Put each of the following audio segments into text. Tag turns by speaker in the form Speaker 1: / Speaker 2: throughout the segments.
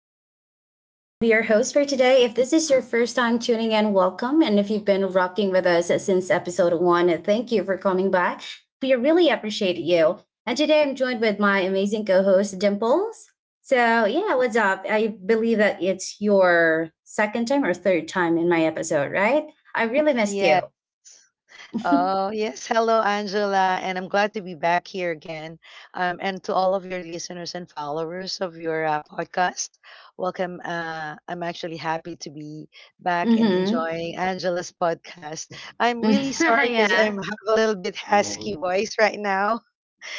Speaker 1: Talkspace. I'm Angela. I'll be your host for today. If this is your first time tuning in, welcome. And if you've been rocking with us since episode one, thank you for coming back. We really appreciate you. And today I'm joined with my amazing co host, Dimples. So, yeah, what's up? I believe that it's your second time or third time in my episode, right? I really missed
Speaker 2: Yeah.
Speaker 1: you.
Speaker 2: Oh, yes. Hello, Angela. And I'm glad to be back here again. And to all of your listeners and followers of your podcast, welcome. I'm actually happy to be back and
Speaker 1: Mm
Speaker 2: enjoying Angela's podcast. I'm
Speaker 1: hmm.
Speaker 2: really sorry because
Speaker 1: Yeah.
Speaker 2: I'm have a little bit husky voice right now.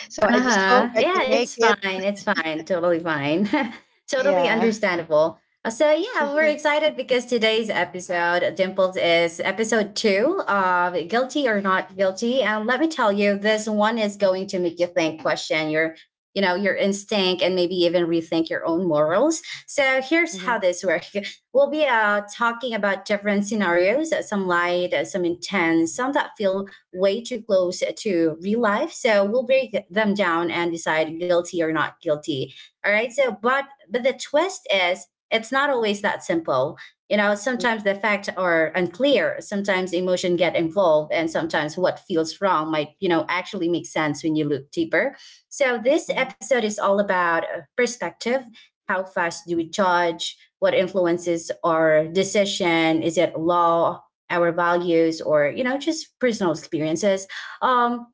Speaker 2: So I just
Speaker 1: Uh-huh.
Speaker 2: hope I
Speaker 1: Yeah,
Speaker 2: can
Speaker 1: it's
Speaker 2: make
Speaker 1: fine.
Speaker 2: it.
Speaker 1: It's fine. Totally fine. Totally
Speaker 2: Yeah.
Speaker 1: understandable. So yeah, we're
Speaker 2: hmm
Speaker 1: excited because today's episode, Dimples, is episode two of Guilty or Not Guilty. And let me tell you, this one is
Speaker 2: hmm
Speaker 1: going to make you think, question your, your instinct and maybe even rethink your own morals. So here's
Speaker 2: hmm
Speaker 1: how this works. We'll be talking about different scenarios, some light, some intense, some that feel way too close to real life. So we'll break them down and decide guilty or not guilty. All right. So, but the twist is it's not always that simple. You know,
Speaker 2: Yeah.
Speaker 1: sometimes the facts are unclear. Sometimes emotion get involved, and sometimes what feels wrong might, actually make sense when you look deeper. So this
Speaker 2: hmm
Speaker 1: episode is all about perspective. How fast do we judge? What influences our decision? Is it law, our values, or just personal experiences? um,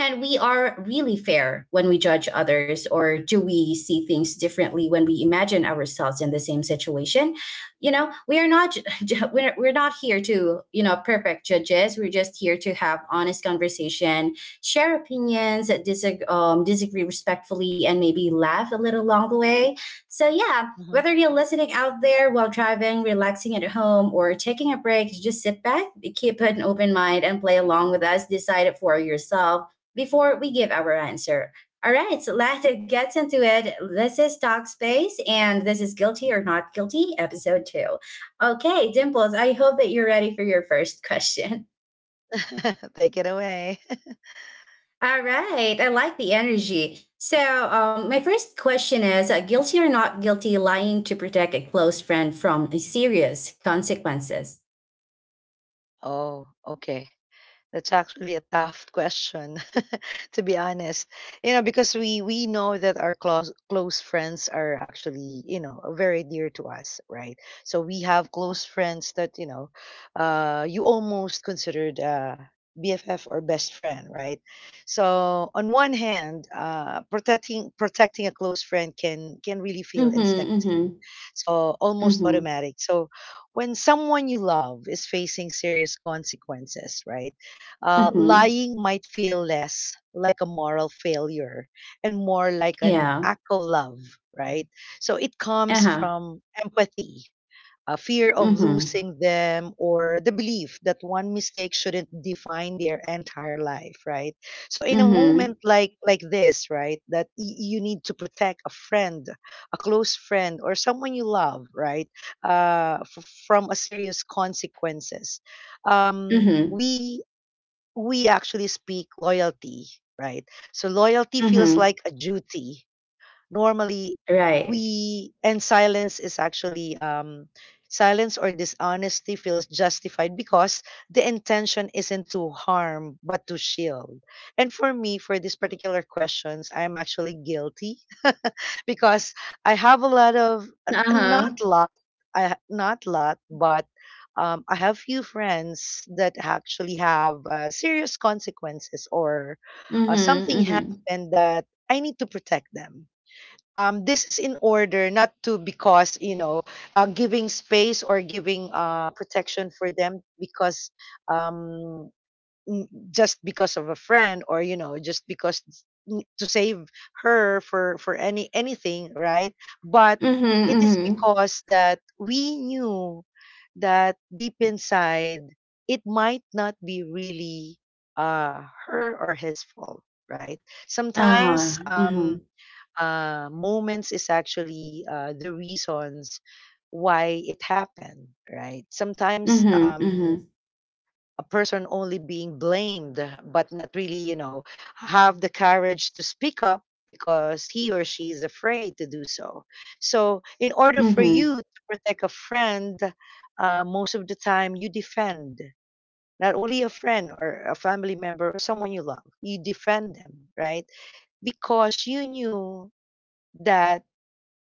Speaker 1: and we are really fair when we judge others, or do we see things differently when we imagine ourselves in the same situation? We are not. We're not here to perfect judges. We're just here to have honest conversation, share opinions, disagree, disagree respectfully, and maybe laugh a little along the way. So yeah,
Speaker 2: hmm
Speaker 1: whether you're listening out there while driving, relaxing at home, or taking a break, just sit back, keep an open mind, and play along with us. Decide it for yourself before we give our answer. All right, so let's get into it. This is Talk Space, and this is Guilty or Not Guilty, episode two. Okay, Dimples, I hope that you're ready for your first question.
Speaker 2: Take it away.
Speaker 1: All right, I like the energy. So, my first question is guilty or not guilty lying to protect a close friend from serious consequences?
Speaker 2: Oh, okay. That's actually a tough question, to be honest. You know, because we know that our close friends are actually, you know, very dear to us, right? So we have close friends that, you know, you almost considered BFF or best friend, right? So on one hand, protecting a close friend can really feel
Speaker 1: Mm-hmm,
Speaker 2: instinctive, so almost
Speaker 1: mm-hmm, mm-hmm,
Speaker 2: automatic. So when someone you love is facing serious consequences, right?
Speaker 1: mm-hmm.
Speaker 2: Lying might feel less like a moral failure and more like an
Speaker 1: Yeah.
Speaker 2: act of love, right? So it comes
Speaker 1: Uh-huh.
Speaker 2: from empathy, a fear of
Speaker 1: Mm-hmm,
Speaker 2: losing them, or the belief that one mistake shouldn't define their entire life, right? So in a
Speaker 1: mm-hmm,
Speaker 2: moment like this, right, that you need to protect a friend, a close friend, or someone you love, right, from a serious consequences. Um,
Speaker 1: mm-hmm,
Speaker 2: we we actually speak loyalty, right? So loyalty feels
Speaker 1: mm-hmm.
Speaker 2: like a duty normally
Speaker 1: Right.
Speaker 2: we and silence is actually silence or dishonesty feels justified because the intention isn't to harm but to shield, and for me, for these particular questions, I'm actually guilty. Because I have a not
Speaker 1: Uh-huh.
Speaker 2: lot but I have few friends that actually have serious consequences or
Speaker 1: Mm-hmm,
Speaker 2: something
Speaker 1: mm-hmm,
Speaker 2: happened that I need to protect them. This is in order not to, because you know, giving space or giving protection for them because um, just because of a friend, or you know, just because to save her for any anything, right? But
Speaker 1: mm-hmm,
Speaker 2: it is
Speaker 1: mm-hmm.
Speaker 2: because that we knew that deep inside it might not be really her or his fault, right? Sometimes
Speaker 1: Uh-huh. Mm-hmm,
Speaker 2: moments is actually the reasons why it happened, right? Sometimes
Speaker 1: mm-hmm,
Speaker 2: a person only being blamed, but not really, you know, have the courage to speak up because he or she is afraid to do so. So, in order for
Speaker 1: mm-hmm,
Speaker 2: you to protect a friend, most of the time you defend not only a friend or a family member or someone you love, you defend them, right? Because you knew that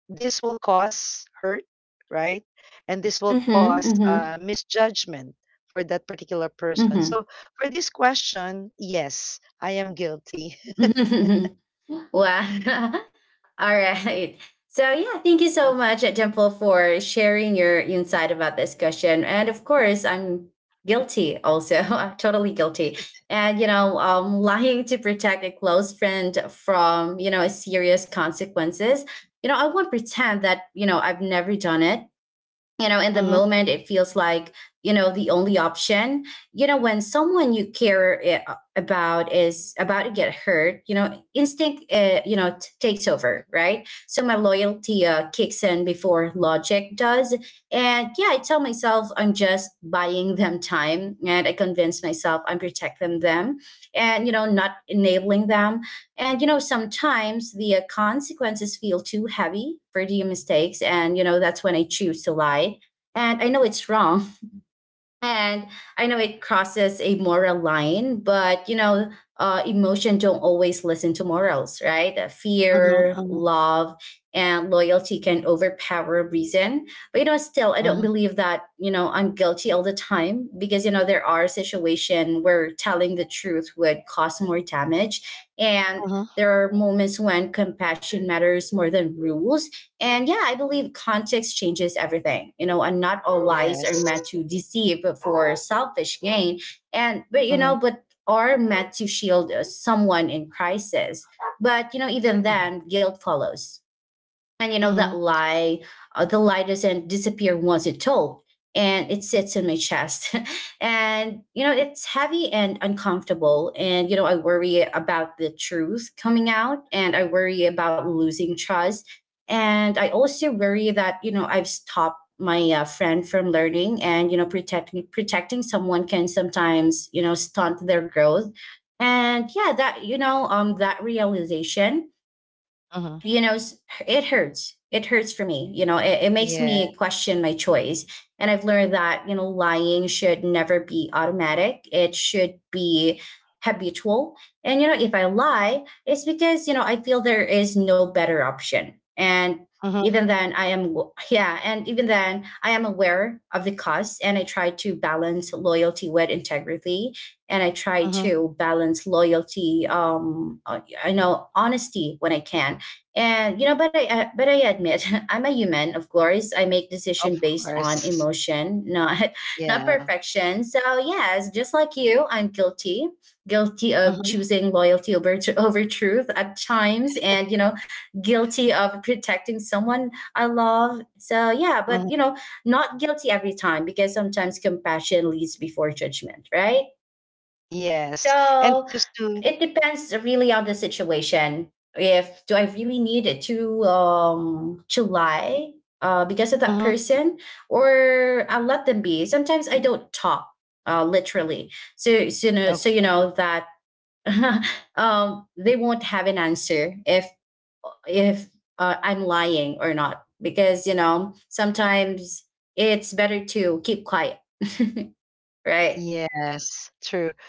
Speaker 2: this will cause hurt, right? And this will
Speaker 1: mm-hmm,
Speaker 2: cause
Speaker 1: mm-hmm,
Speaker 2: misjudgment for that particular person.
Speaker 1: mm-hmm,
Speaker 2: So for this question, yes, I am guilty.
Speaker 1: mm-hmm. Wow. All right. So yeah, thank you so much, Dimple, for sharing your insight about this question. And of course, I'm guilty also. I'm totally guilty. And you know, lying to protect a close friend from serious consequences. You know, I won't pretend that I've never done it. In the
Speaker 2: Mm-hmm.
Speaker 1: moment it feels like the only option. When someone you care about is about to get hurt, instinct takes over, right? So my loyalty kicks in before logic does. And yeah, I tell myself I'm just buying them time, and I convince myself I'm protecting them and, not enabling them. And, you know, sometimes the consequences feel too heavy for the mistakes. And, you know, that's when I choose to lie. And I know it's wrong, and I know it crosses a moral line. But you know, emotion don't always listen to morals, right? Fear,
Speaker 2: Mm-hmm.
Speaker 1: love, and loyalty can overpower reason. But you know, still, I don't
Speaker 2: Mm-hmm.
Speaker 1: believe that I'm guilty all the time, because you know, there are situations where telling the truth would cause more damage, and
Speaker 2: Mm-hmm.
Speaker 1: there are moments when compassion matters more than rules. And yeah, I believe context changes everything, you know, and not all lies are
Speaker 2: Yes.
Speaker 1: meant to deceive for selfish gain. And, but, you know,
Speaker 2: Mm-hmm.
Speaker 1: but are meant to shield someone in crisis. But, you know, even
Speaker 2: Mm-hmm.
Speaker 1: then, guilt follows. And you know that
Speaker 2: Mm-hmm.
Speaker 1: lie, the lie doesn't disappear once it's told, and it sits in my chest. And you know it's heavy and uncomfortable. And you know I worry about the truth coming out, and I worry about losing trust, and I also worry that I've stopped my friend from learning, and you know protecting someone can sometimes stunt their growth. And yeah, that that realization,
Speaker 2: Mm-hmm.
Speaker 1: it hurts. It hurts for me. It makes
Speaker 2: Yeah.
Speaker 1: me question my choice. And I've learned that lying should never be automatic. It should be habitual. And you know if I lie, it's because I feel there is no better option. And
Speaker 2: Mm-hmm.
Speaker 1: even then I am w- yeah, and even then I am aware of the cost. And I try to balance loyalty with integrity. And I try
Speaker 2: Mm-hmm.
Speaker 1: to balance loyalty I know honesty when I can. And you know, but I admit I'm a human. Of course I make
Speaker 2: Of
Speaker 1: decision based on
Speaker 2: course.
Speaker 1: emotion, not not
Speaker 2: Yeah.
Speaker 1: perfection. So yes, just like you, I'm guilty, guilty of
Speaker 2: Mm-hmm.
Speaker 1: choosing loyalty over over truth at times. And you know, guilty of protecting someone I love. So yeah, but
Speaker 2: Mm-hmm.
Speaker 1: you know, not guilty every time, because sometimes compassion leads before judgment, right?
Speaker 2: Yes. And
Speaker 1: So
Speaker 2: just to
Speaker 1: it depends really on the situation. If do I really need it to lie because of that
Speaker 2: Mm-hmm.
Speaker 1: person, or I let them be. Sometimes I don't talk, literally. So you know, so you
Speaker 2: Okay.
Speaker 1: know that they won't have an answer if if I'm lying or not, because you know sometimes it's better to keep quiet, right?
Speaker 2: Yes, true.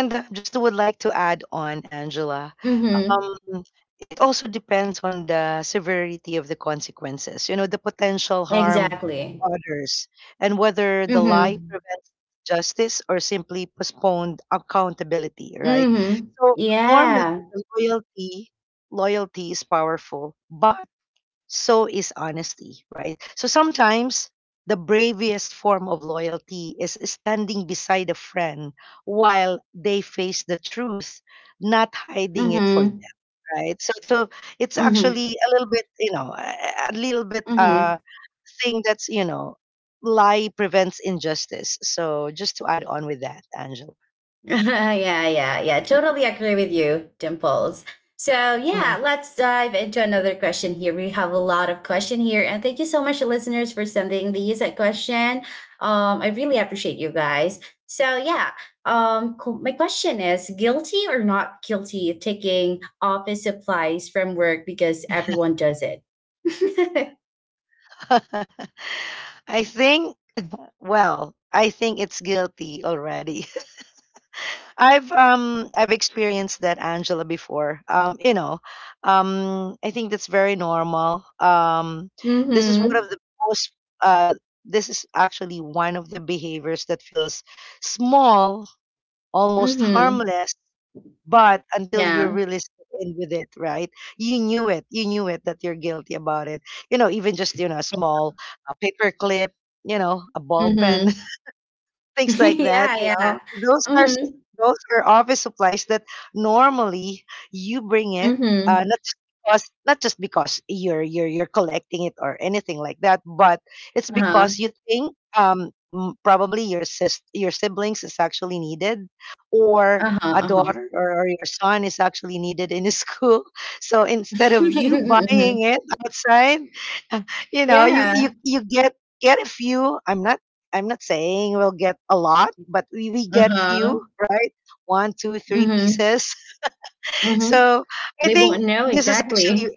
Speaker 2: And just to would like to add on, Angela.
Speaker 1: Mhm.
Speaker 2: Mm, it also depends on the severity of the consequences, you know, the potential harm to
Speaker 1: Exactly.
Speaker 2: others, and whether the lie
Speaker 1: Mhm.
Speaker 2: prevents justice or simply postponed accountability, right?
Speaker 1: Mhm.
Speaker 2: So normally
Speaker 1: Yeah.
Speaker 2: the loyalty, loyalty is powerful, but so is honesty, right? So sometimes the bravest form of loyalty is standing beside a friend while they face the truth, not hiding it for,
Speaker 1: Mhm.
Speaker 2: right? So, so it's
Speaker 1: Mhm.
Speaker 2: actually a little bit, you know, a little bit
Speaker 1: Mhm.
Speaker 2: thing that's, you know, lie prevents injustice. So just to add on with that, Angela.
Speaker 1: Yeah, yeah, yeah. Totally agree with you, Dimples. So, yeah,
Speaker 2: Mhm.
Speaker 1: let's dive into another question here. We have a lot of question here, and thank you so much, listeners, for sending these a question. I really appreciate you guys. So, yeah, my question is: guilty or not guilty taking office supplies from work because everyone does it?
Speaker 2: I think, well, I think it's guilty already. I've experienced that, Angela, before. You know, I think that's very normal. This is one
Speaker 1: Mm-hmm.
Speaker 2: of the most uh this is actually one of the behaviors that feels small, almost
Speaker 1: Mm-hmm.
Speaker 2: harmless, but until you're
Speaker 1: Yeah.
Speaker 2: really in with it, right? You knew it. You knew it that you're guilty about it. You know, even just, you know, a small paper clip, you know, a ball pen,
Speaker 1: Mm-hmm.
Speaker 2: things like that,
Speaker 1: Yeah,
Speaker 2: you know,
Speaker 1: yeah. Mhm.
Speaker 2: those are office supplies that normally you bring it,
Speaker 1: Mhm.
Speaker 2: not just because, not just because you're collecting it or anything like that, but it's
Speaker 1: Uh-huh.
Speaker 2: because you think probably your sis your siblings is actually needed, or
Speaker 1: Uh-huh,
Speaker 2: a
Speaker 1: uh-huh.
Speaker 2: daughter or your son is actually needed in his school. So instead of you
Speaker 1: Mhm.
Speaker 2: buying it outside you know,
Speaker 1: Yeah.
Speaker 2: you get a few. I'm not, I'm not saying we'll get a lot, but we get
Speaker 1: Uh-huh.
Speaker 2: few, right? One, two, three
Speaker 1: Mhm.
Speaker 2: pieces.
Speaker 1: Mhm.
Speaker 2: So I
Speaker 1: They
Speaker 2: think
Speaker 1: won't know
Speaker 2: this is actually,
Speaker 1: exactly.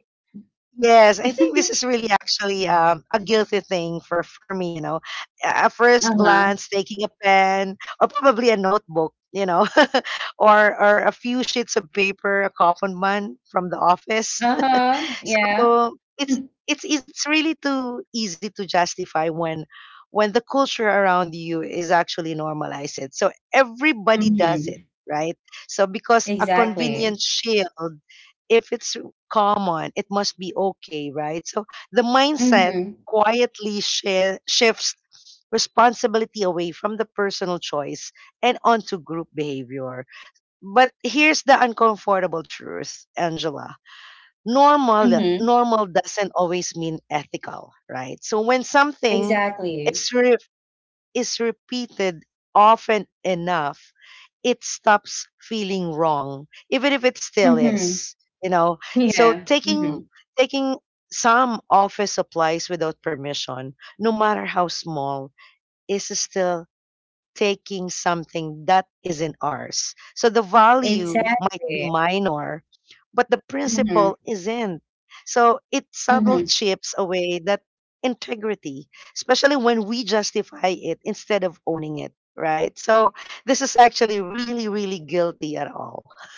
Speaker 2: yes, I think this is really actually a guilty thing for me. You know, at first
Speaker 1: Uh-huh.
Speaker 2: glance, taking a pen or probably a notebook, you know, or a few sheets of paper, a common one from the office,
Speaker 1: Uh-huh. Yeah.
Speaker 2: so it's it's really too easy to justify when the culture around you is actually normalized. It. So everybody does it,
Speaker 1: Mhm.
Speaker 2: right? So because a convenient
Speaker 1: Exactly.
Speaker 2: shield, if it's common, it must be okay, right? So the mindset
Speaker 1: Mhm.
Speaker 2: quietly shifts responsibility away from the personal choice and onto group behavior. But here's the uncomfortable truth, Angela,
Speaker 1: Mhm.
Speaker 2: normal doesn't always mean ethical, right? So when something
Speaker 1: Exactly.
Speaker 2: is re- is repeated often enough, it stops feeling wrong even if it still
Speaker 1: Mhm.
Speaker 2: is, you know. So
Speaker 1: Yeah.
Speaker 2: taking
Speaker 1: Mhm.
Speaker 2: taking some office supplies without permission, no matter how small, is still taking something that isn't ours. So the value might be
Speaker 1: Exactly.
Speaker 2: minor, but the
Speaker 1: Mhm.
Speaker 2: principle isn't. So it subtle
Speaker 1: Mhm.
Speaker 2: chips away that integrity, especially when we justify it instead of owning it, right? So this is actually really, really guilty at all.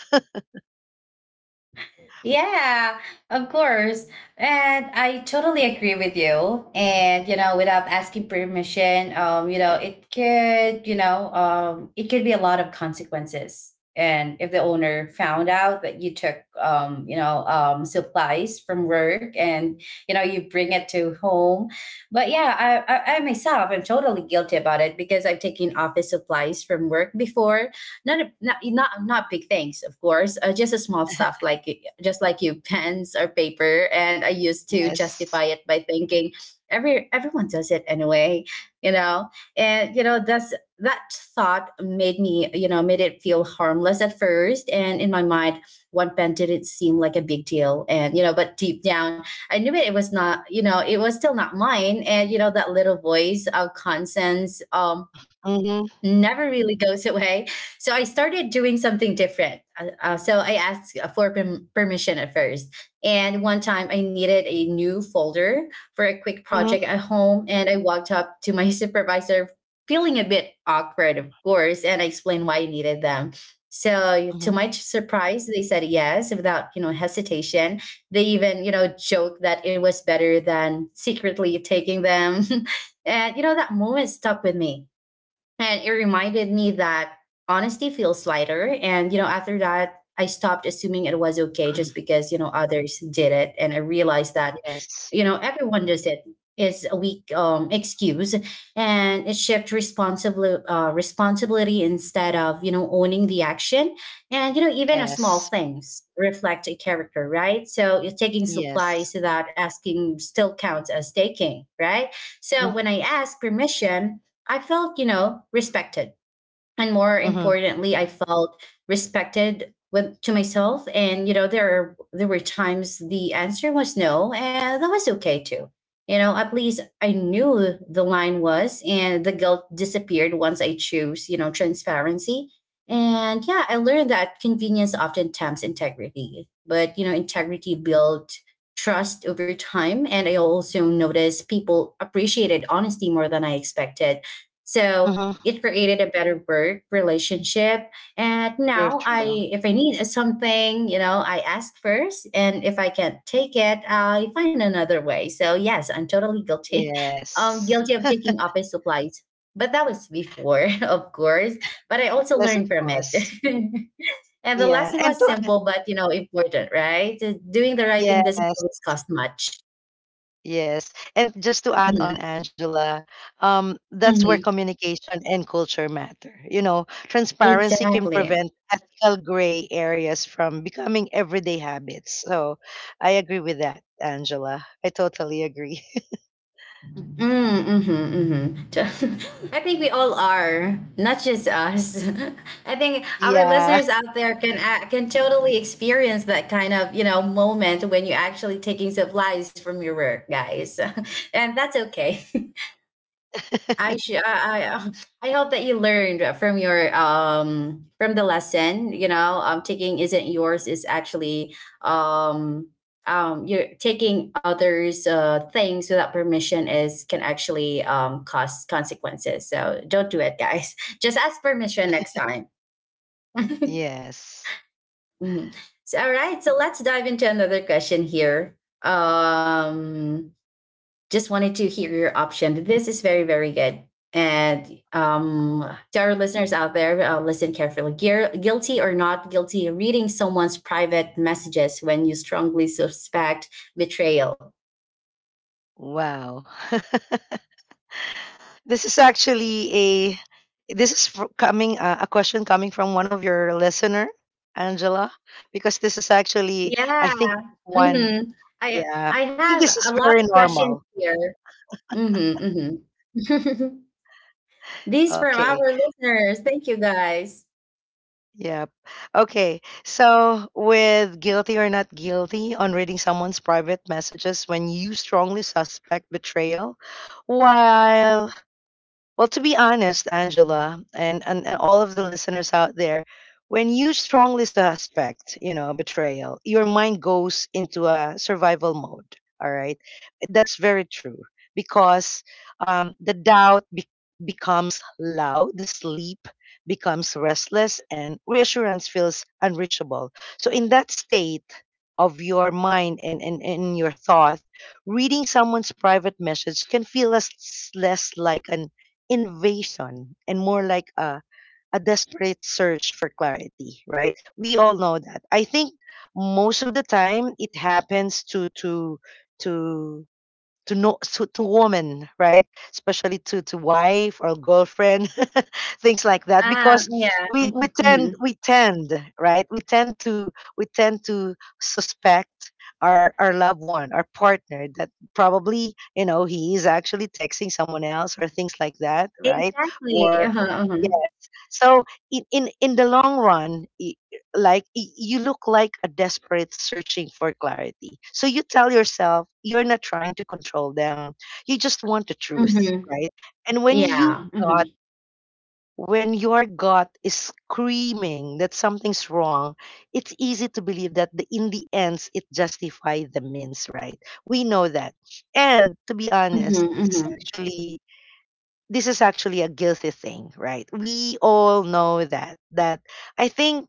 Speaker 1: Yeah, of course. And I totally agree with you. And, you know, without asking permission, you know, it could, you know, it could be a lot of consequences. And if the owner found out that you took, you know, supplies from work and, you know, you bring it to home. But yeah, I myself, I'm totally guilty about it, because I've taken office supplies from work before. Not not big things, of course. Just a small stuff like just like you, pens or paper. And I used to justify
Speaker 2: Yes.
Speaker 1: it by thinking, everyone does it anyway, you know. And you know that's that thought made me, you know, made it feel harmless at first. And in my mind, one pen didn't seem like a big deal. And you know, but deep down I knew it was not, you know, it was still not mine. And you know that little voice of conscience
Speaker 2: Mm-hmm.
Speaker 1: never really goes away. So I started doing something different. So I asked for permission at first. And one time I needed a new folder for a quick project at
Speaker 2: Mm-hmm.
Speaker 1: home. And I walked up to my supervisor, feeling a bit awkward, of course, and I explained why I needed them. So to my
Speaker 2: Mm-hmm.
Speaker 1: surprise, they said yes without, hesitation. They even, joked that it was better than secretly taking them. And you know that moment stuck with me, and it reminded me that honesty feels lighter. And, you know, after that, I stopped assuming it was okay just
Speaker 2: Mhm.
Speaker 1: because, you know, others did it. And I realized that, you know,
Speaker 2: Yes.
Speaker 1: everyone does it. It's a weak excuse. And it shifts responsibly, responsibility instead of, you know, owning the action. And, you know, even a small
Speaker 2: Yes.
Speaker 1: things reflect a character, right? So you're taking supplies
Speaker 2: Yes.
Speaker 1: that asking still counts as taking, right? So when I
Speaker 2: Mhm.
Speaker 1: ask permission, I felt, respected, and more
Speaker 2: Mhm.
Speaker 1: importantly, I felt respected with to myself. And there were times the answer was no, and that was okay too. At least I knew the line was, and the guilt disappeared once I chose, transparency. And yeah, I learned that convenience often tempts integrity, but integrity built trust over time. And I also noticed people appreciated honesty more than I expected, so
Speaker 2: Mhm.
Speaker 1: it created a better work relationship. And now,
Speaker 2: True,
Speaker 1: I
Speaker 2: true.
Speaker 1: if I need something, I ask first. And if I can't take it, I find another way. So yes, I'm totally guilty. Guilty
Speaker 2: Yes.
Speaker 1: of taking office supplies. But that was before, of course. But I also learned
Speaker 2: Yes,
Speaker 1: from
Speaker 2: of
Speaker 1: it.
Speaker 2: course.
Speaker 1: And the lesson
Speaker 2: Yeah.
Speaker 1: was
Speaker 2: And to
Speaker 1: simple
Speaker 2: add,
Speaker 1: but, important, right? Just doing the right thing doesn't always
Speaker 2: yes.
Speaker 1: cost much.
Speaker 2: Yes. And just to
Speaker 1: Mhm,
Speaker 2: add on, Angela, that's where
Speaker 1: mhm.
Speaker 2: communication and culture matter. You know, transparency can
Speaker 1: Exactly.
Speaker 2: prevent ethical gray areas from becoming everyday habits. So I agree with that, Angela. I totally agree.
Speaker 1: Mm, mm-hmm, mm-hmm. I think we all are, not just us. I think our
Speaker 2: Yeah.
Speaker 1: listeners out there can totally experience that kind of, moment when you're actually taking supplies from your work, guys. And that's okay. I sh- I hope that you learned from your from the lesson. Taking isn't yours is actually um you're taking others' things without permission is can actually cause consequences. So don't do it, guys. Just ask permission next time.
Speaker 2: Yes.
Speaker 1: Mhm. So, all right, so let's dive into another question here. Um, just wanted to hear your option. This is very, very good. And to our listeners out there, listen carefully. Gear, guilty or not guilty, reading someone's private messages when you strongly suspect betrayal.
Speaker 2: Wow. This is actually a, coming a question coming from one of your listener, Angela, because this is actually I think
Speaker 1: Yeah.
Speaker 2: one,
Speaker 1: Mm-hmm. I
Speaker 2: yeah,
Speaker 1: I
Speaker 2: I think
Speaker 1: have
Speaker 2: this
Speaker 1: a
Speaker 2: is
Speaker 1: lot
Speaker 2: very
Speaker 1: of questions
Speaker 2: normal.
Speaker 1: here. Mm-hmm, mm-hmm. These from
Speaker 2: Okay.
Speaker 1: our listeners. Thank you, guys.
Speaker 2: Yep. Okay. So with guilty or not guilty on reading someone's private messages when you strongly suspect betrayal, while well, to be honest, Angela, and all of the listeners out there, when you strongly suspect, you know, betrayal, your mind goes into a survival mode. All right. That's very true because the doubt becomes loud, the sleep becomes restless, and reassurance feels unreachable. So, in that state, of your mind and your thought, reading someone's private message can feel less, less like an invasion, and more like a desperate search for clarity, right? We all know that. I think most of the time it happens to to no to, to woman, right? Especially to wife or girlfriend things like that,
Speaker 1: Ah,
Speaker 2: because
Speaker 1: yeah. Mhm, mhm.
Speaker 2: we tend right we tend to suspect our loved one, our partner, that probably, you know, he is actually texting someone else or things like that, right?
Speaker 1: Exactly.
Speaker 2: Or
Speaker 1: Uh-huh, uh-huh.
Speaker 2: so in the long run, you look like a desperate searching for clarity. So you tell yourself you're not trying to control them. You just want the truth,
Speaker 1: Hmm.
Speaker 2: right? And when
Speaker 1: Yeah.
Speaker 2: you got
Speaker 1: Mhm.
Speaker 2: when your gut is screaming that something's wrong, it's easy to believe that the, in the ends it justifies the means, right? We know that. And to be honest,
Speaker 1: Mhm,
Speaker 2: it's
Speaker 1: mhm,
Speaker 2: actually, this is actually a guilty thing, right? We all know that. That I think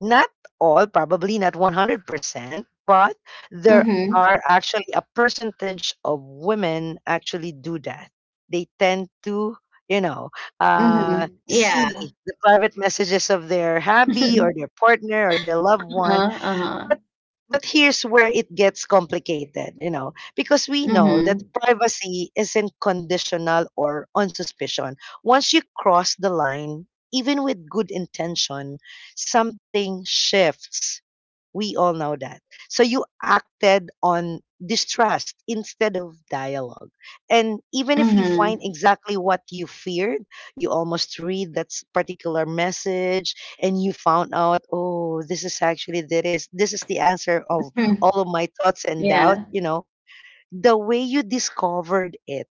Speaker 2: not all, probably not 100%, but there
Speaker 1: mhm,
Speaker 2: are actually a percentage of women actually do that. They tend to, you know,
Speaker 1: mhm,
Speaker 2: see
Speaker 1: yeah.
Speaker 2: the private messages of their hubby or their partner or their loved
Speaker 1: Uh-huh,
Speaker 2: one,
Speaker 1: uh-huh,
Speaker 2: but but here's where it gets complicated, you know, because we know that
Speaker 1: mhm,
Speaker 2: privacy isn't conditional or on suspicion. Once you cross the line, even with good intention, something shifts, we all know that. So you acted on distrust instead of dialogue. And even if you
Speaker 1: mhm,
Speaker 2: find exactly what you feared, you almost read that particular message and you found out, oh, this is actually there is, this is the answer of
Speaker 1: mhm,
Speaker 2: all of my thoughts and doubts,
Speaker 1: yeah,
Speaker 2: you know. The way you discovered it,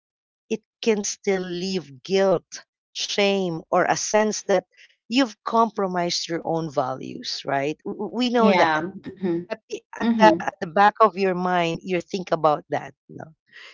Speaker 2: it can still leave guilt, shame, or a sense that you've compromised your own values, right? We know
Speaker 1: yeah,
Speaker 2: that
Speaker 1: mhm,
Speaker 2: at the at the
Speaker 1: mhm.
Speaker 2: at the back of your mind you think about that no.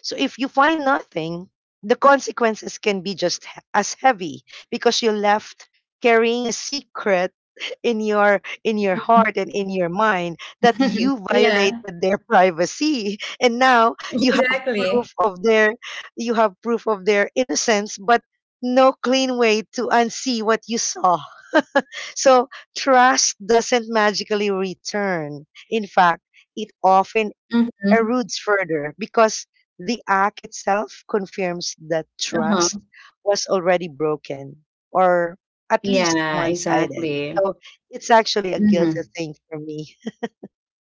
Speaker 2: So if you find nothing, the consequences can be just as heavy because you left carrying a secret in your heart and in your mind that you
Speaker 1: Yeah,
Speaker 2: violated their privacy and now you have
Speaker 1: exactly.
Speaker 2: proof of their proof of their innocence but no clean way to unsee what you saw, so trust doesn't magically return. In fact, it often
Speaker 1: Mhm,
Speaker 2: erodes further because the act itself confirms that
Speaker 1: uh-huh,
Speaker 2: trust was already broken, or at least
Speaker 1: yeah,
Speaker 2: one sided.
Speaker 1: exactly.
Speaker 2: So it's actually a guilty
Speaker 1: Mhm.
Speaker 2: thing for me.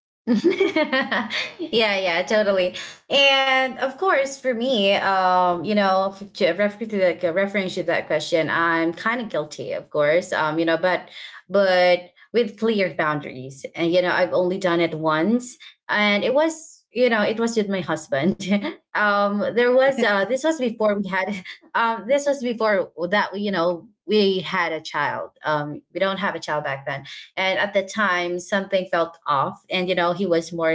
Speaker 1: Yeah, yeah, totally. And of course, for me, you know, f- to refer to like referring to that question, I'm kind of guilty, of course. You know, but with clear boundaries, and, you know, I've only done it once, and it was, you know, it was with my husband. There was this was before we had, this was before that we, you know, we had a child. We don't have a child back then. And at the time, something felt off, and, you know, he was more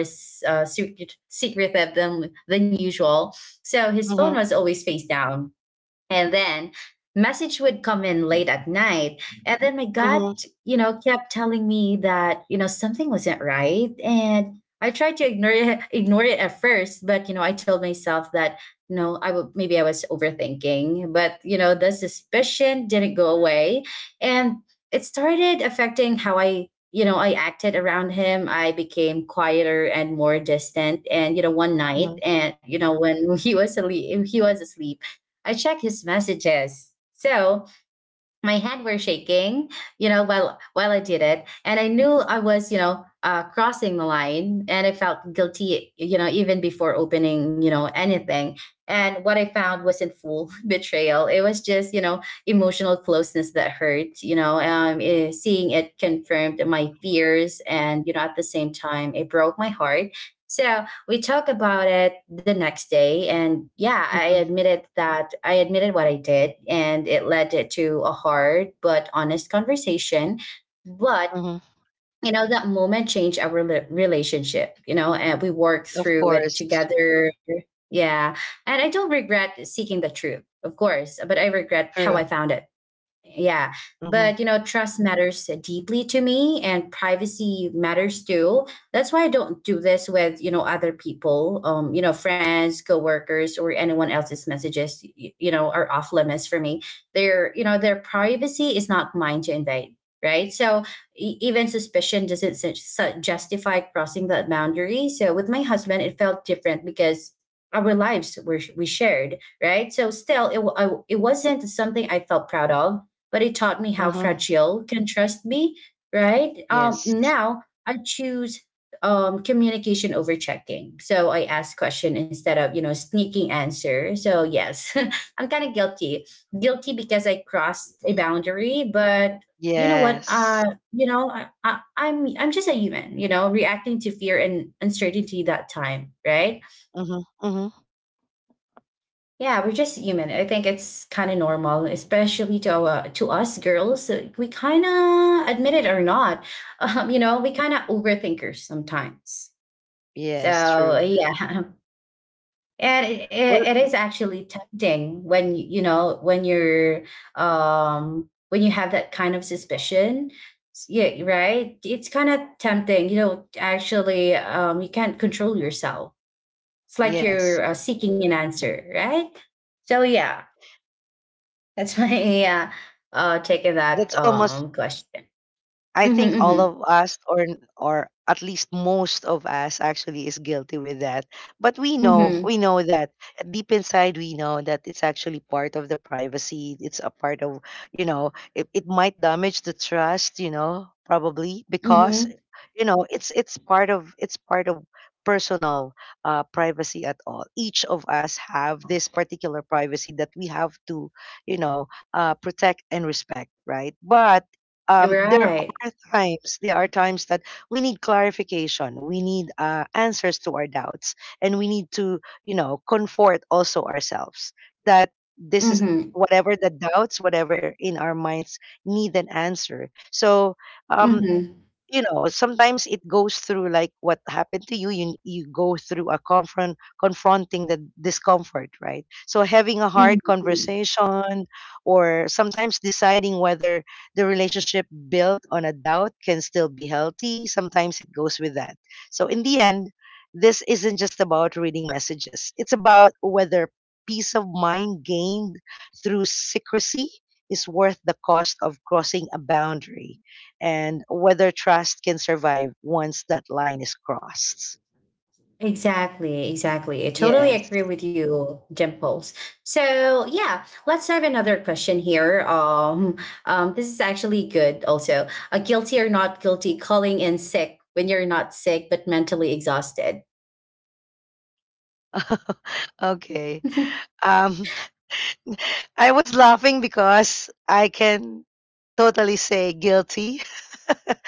Speaker 1: secretive than usual, so his phone
Speaker 2: Mm-hmm,
Speaker 1: was always face down. And then message would come in late at night, and then my
Speaker 2: mm-hmm,
Speaker 1: gut, you know, kept telling me that, you know, something wasn't right. And I tried to ignore it, at first. But, you know, I told myself that, you know, I would, maybe I was overthinking, but, you know, the suspicion didn't go away. And it started affecting how I, you know, I acted around him. I became quieter and more distant. And, you know, one night,
Speaker 2: mm-hmm,
Speaker 1: and, you know, when he was asleep, I checked his messages. So my hand were shaking, you know, while I did it, and I knew I was, you know, crossing the line, and I felt guilty, you know, even before opening, you know, anything. And what I found wasn't full betrayal; it was just, you know, emotional closeness that hurt. You know, seeing it confirmed my fears, and, you know, at the same time, it broke my heart. So we talk about it the next day. And yeah, I admitted what I did, and it led it to a hard but honest conversation. But
Speaker 2: mm-hmm.
Speaker 1: you know that moment changed our relationship, you know, and we worked
Speaker 2: Of
Speaker 1: through it
Speaker 2: course.
Speaker 1: together. Yeah. And I don't regret seeking the truth, of course, but I regret how
Speaker 2: True.
Speaker 1: I found it. Yeah.
Speaker 2: Mm-hmm,
Speaker 1: But you know, trust matters deeply to me, and privacy matters too. That's why I don't do this with, you know, other people. You know, friends, coworkers, or anyone else's messages, you know, are off limits for me. Their, you know, their privacy is not mine to invade, right? So even suspicion doesn't justify crossing that boundary. So with my husband it felt different because our lives were we shared, right? So still it, it wasn't something I felt proud of, but it taught me how
Speaker 2: mm-hmm.
Speaker 1: fragile can trust be, right?
Speaker 2: Yes.
Speaker 1: Now I choose communication over checking. So I ask question instead of, you know, sneaking answer. So yes, I'm kind of guilty. Guilty because I crossed a boundary, but you know what?
Speaker 2: Yes.
Speaker 1: You know, I'm just a human. You know, reacting to fear and uncertainty that time, right?
Speaker 2: Mm-hmm, mm-hmm.
Speaker 1: Yeah, we're just human. I think it's kind of normal, especially to our, to us girls. We kind of admit it or not, you know, we kind of overthinkers sometimes.
Speaker 2: Yes,
Speaker 1: So
Speaker 2: true.
Speaker 1: yeah, and it, it,
Speaker 2: Well,
Speaker 1: it is actually tempting when you know when you're when you have that kind of suspicion. Yeah, right. It's kind of tempting, you know. Actually, you can't control yourself. It's like
Speaker 2: yes.
Speaker 1: you're seeking an answer, right? So yeah, that's why, yeah, taking that
Speaker 2: That's almost
Speaker 1: question.
Speaker 2: I think
Speaker 1: Mm-hmm,
Speaker 2: all
Speaker 1: mm-hmm,
Speaker 2: of us, or at least most of us, actually is guilty with that. But we know,
Speaker 1: mm-hmm,
Speaker 2: we know that deep inside, we know that it's actually part of the privacy. It's a part of, it might damage the trust, probably because,
Speaker 1: mm-hmm.
Speaker 2: it's part of personal privacy at all. Each of us have this particular privacy that we have to, you know, protect and respect, right? But um, there
Speaker 1: Right.
Speaker 2: there are times that we need clarification. We need answers to our doubts, and we need to comfort also ourselves that this is
Speaker 1: Mm-hmm,
Speaker 2: whatever the doubts, whatever in our minds, need an answer. So um
Speaker 1: mm-hmm,
Speaker 2: sometimes it goes through like what happened to you. You go through a confronting the discomfort, right? So having a
Speaker 1: mm-hmm.
Speaker 2: hard
Speaker 1: Mm-hmm.
Speaker 2: conversation, or sometimes deciding whether the relationship built on a doubt can still be healthy. Sometimes it goes with that. So in the end, this isn't just about reading messages. It's about whether peace of mind gained through secrecy is worth the cost of crossing a boundary, and whether trust can survive once that line is crossed.
Speaker 1: Exactly, exactly. I totally
Speaker 2: Yes.
Speaker 1: agree with you, Dimples. So yeah, let's have another question here. This is actually good. Also, a guilty or not guilty, calling in sick when you're not sick but mentally exhausted.
Speaker 2: Okay. Um, I was laughing because I can totally say guilty.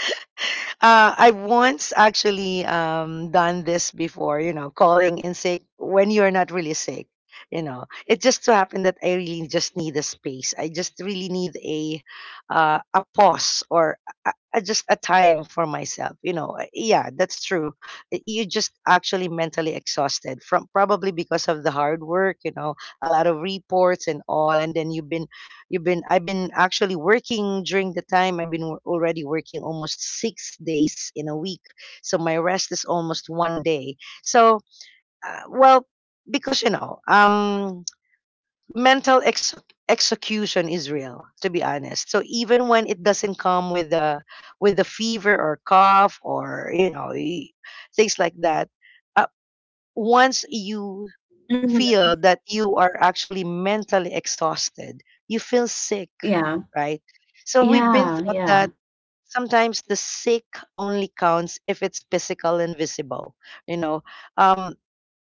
Speaker 2: I once actually done this before, you know, calling in sick when you're not really sick. You know, it just so happened that I really just need a space. I just really need a pause or just a time for myself. You know, yeah, that's true. You just actually mentally exhausted from, probably because of the hard work. You know, a lot of reports and all, and then you've been You've been I've been actually working during the time. I've been already working almost 6 days in a week. So my rest is almost 1 day. So well, because you know, mental execution is real, to be honest. So even when it doesn't come with the fever or cough, or things like that, uh, once you
Speaker 1: Mhm.
Speaker 2: feel that you are actually mentally exhausted, you feel sick,
Speaker 1: Yeah,
Speaker 2: right? So we've been
Speaker 1: yeah,
Speaker 2: taught
Speaker 1: yeah.
Speaker 2: that sometimes the sick only counts if it's physical and visible. You know, um,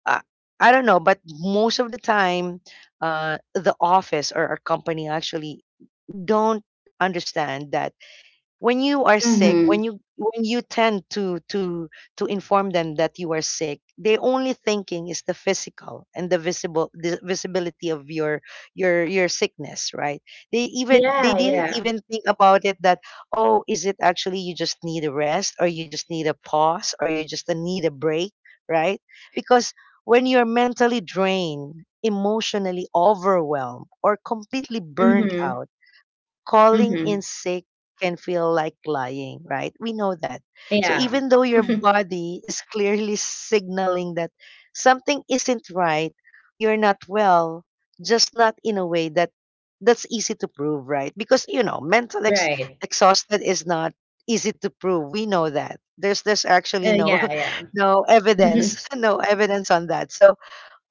Speaker 2: I, I don't know, but most of the time, the office or our company actually don't understand that when you are sick,
Speaker 1: Hmm.
Speaker 2: when you tend to inform them that you are sick, they only thinking is the physical and the visibility of your sickness, right? They
Speaker 1: Yeah,
Speaker 2: didn't
Speaker 1: yeah.
Speaker 2: even think about it that, "Oh, is it actually you just need a rest, or you just need a pause, or you just need a break?" Right? Because when you're mentally drained, emotionally overwhelmed, or completely burned
Speaker 1: Mhm,
Speaker 2: out, calling in
Speaker 1: mhm.
Speaker 2: sick can feel like lying, right? We know that. So
Speaker 1: Yeah.
Speaker 2: even though your
Speaker 1: Mhm.
Speaker 2: body is clearly signaling that something isn't right, you're not well, just not in a way that's easy to prove, right? Because you know, mental
Speaker 1: Right.
Speaker 2: exhausted is not easy to prove. We know that. There's actually no
Speaker 1: Yeah, yeah.
Speaker 2: no
Speaker 1: Mhm,
Speaker 2: evidence, no evidence on that. So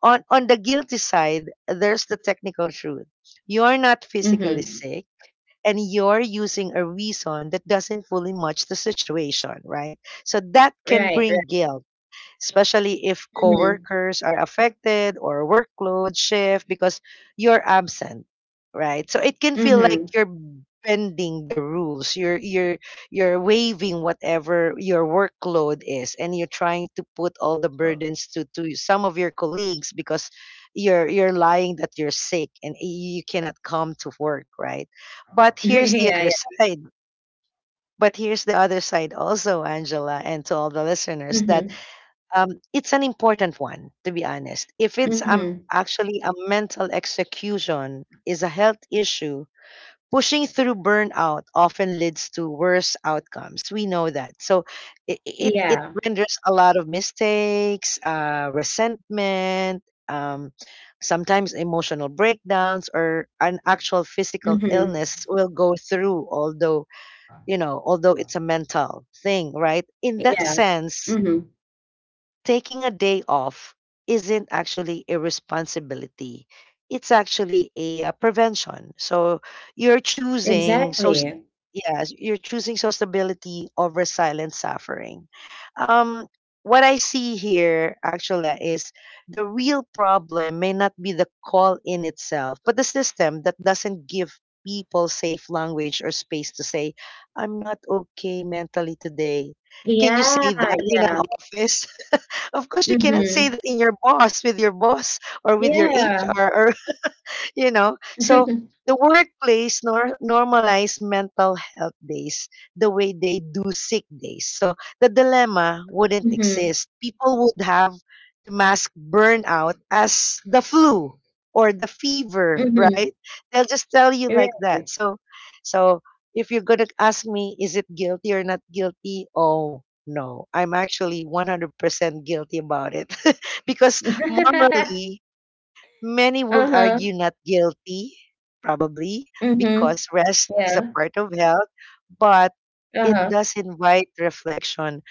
Speaker 2: on the guilty side, there's the technical truth. You're not physically
Speaker 1: mhm.
Speaker 2: sick, and you're using a reason that doesn't fully match the situation, right? So that can
Speaker 1: Right, right.
Speaker 2: bring guilt, especially if
Speaker 1: Mhm,
Speaker 2: coworkers are affected or workload shift because you're absent, right? So it can feel like
Speaker 1: mhm.
Speaker 2: you're bending the rules. You're waiving whatever your workload is, and you're trying to put all the burdens to some of your colleagues because you're lying that you're sick and you cannot come to work, right? But here's the
Speaker 1: Yeah,
Speaker 2: other
Speaker 1: yeah.
Speaker 2: side. But here's the other side also, Angela, and to all the listeners, that
Speaker 1: Mhm,
Speaker 2: it's an important one, to be honest. If it's
Speaker 1: mhm.
Speaker 2: actually a mental execution is a health issue, pushing through burnout often leads to worse outcomes. We know that. So it
Speaker 1: Yeah.
Speaker 2: renders a lot of mistakes, resentment, um, sometimes emotional breakdowns, or an actual physical
Speaker 1: Mhm.
Speaker 2: illness will go through, although, you know, although it's a mental thing, right? In that
Speaker 1: Yeah.
Speaker 2: sense,
Speaker 1: Mhm.
Speaker 2: taking a day off isn't actually irresponsibility. It's actually a prevention. So you're choosing so st-
Speaker 1: Exactly.
Speaker 2: yes, you're choosing so stability over silent suffering. Um, what I see here actually is, the real problem may not be the call in itself, but the system that doesn't give people safe language or space to say, "I'm not okay mentally today." Can you
Speaker 1: Yeah,
Speaker 2: say that in an
Speaker 1: yeah.
Speaker 2: office? Of course, you cannot say
Speaker 1: Mhm.
Speaker 2: that in your boss, with your boss, or with your
Speaker 1: Yeah.
Speaker 2: HR, or you know, so the workplace normalized mental health days the way they do sick days, so the dilemma wouldn't
Speaker 1: Mhm,
Speaker 2: exist. People would have to mask burnout as the flu or the fever,
Speaker 1: mhm.
Speaker 2: right? They'll just tell you like that.
Speaker 1: Right.
Speaker 2: So so if you're going to ask me, is it guilty or not guilty? Oh no, I'm actually 100% guilty about it because morally, many would
Speaker 1: Uh-huh.
Speaker 2: argue not guilty, probably,
Speaker 1: Mhm.
Speaker 2: because rest is a
Speaker 1: Yeah.
Speaker 2: part of health, but it
Speaker 1: Uh-huh.
Speaker 2: does invite reflection.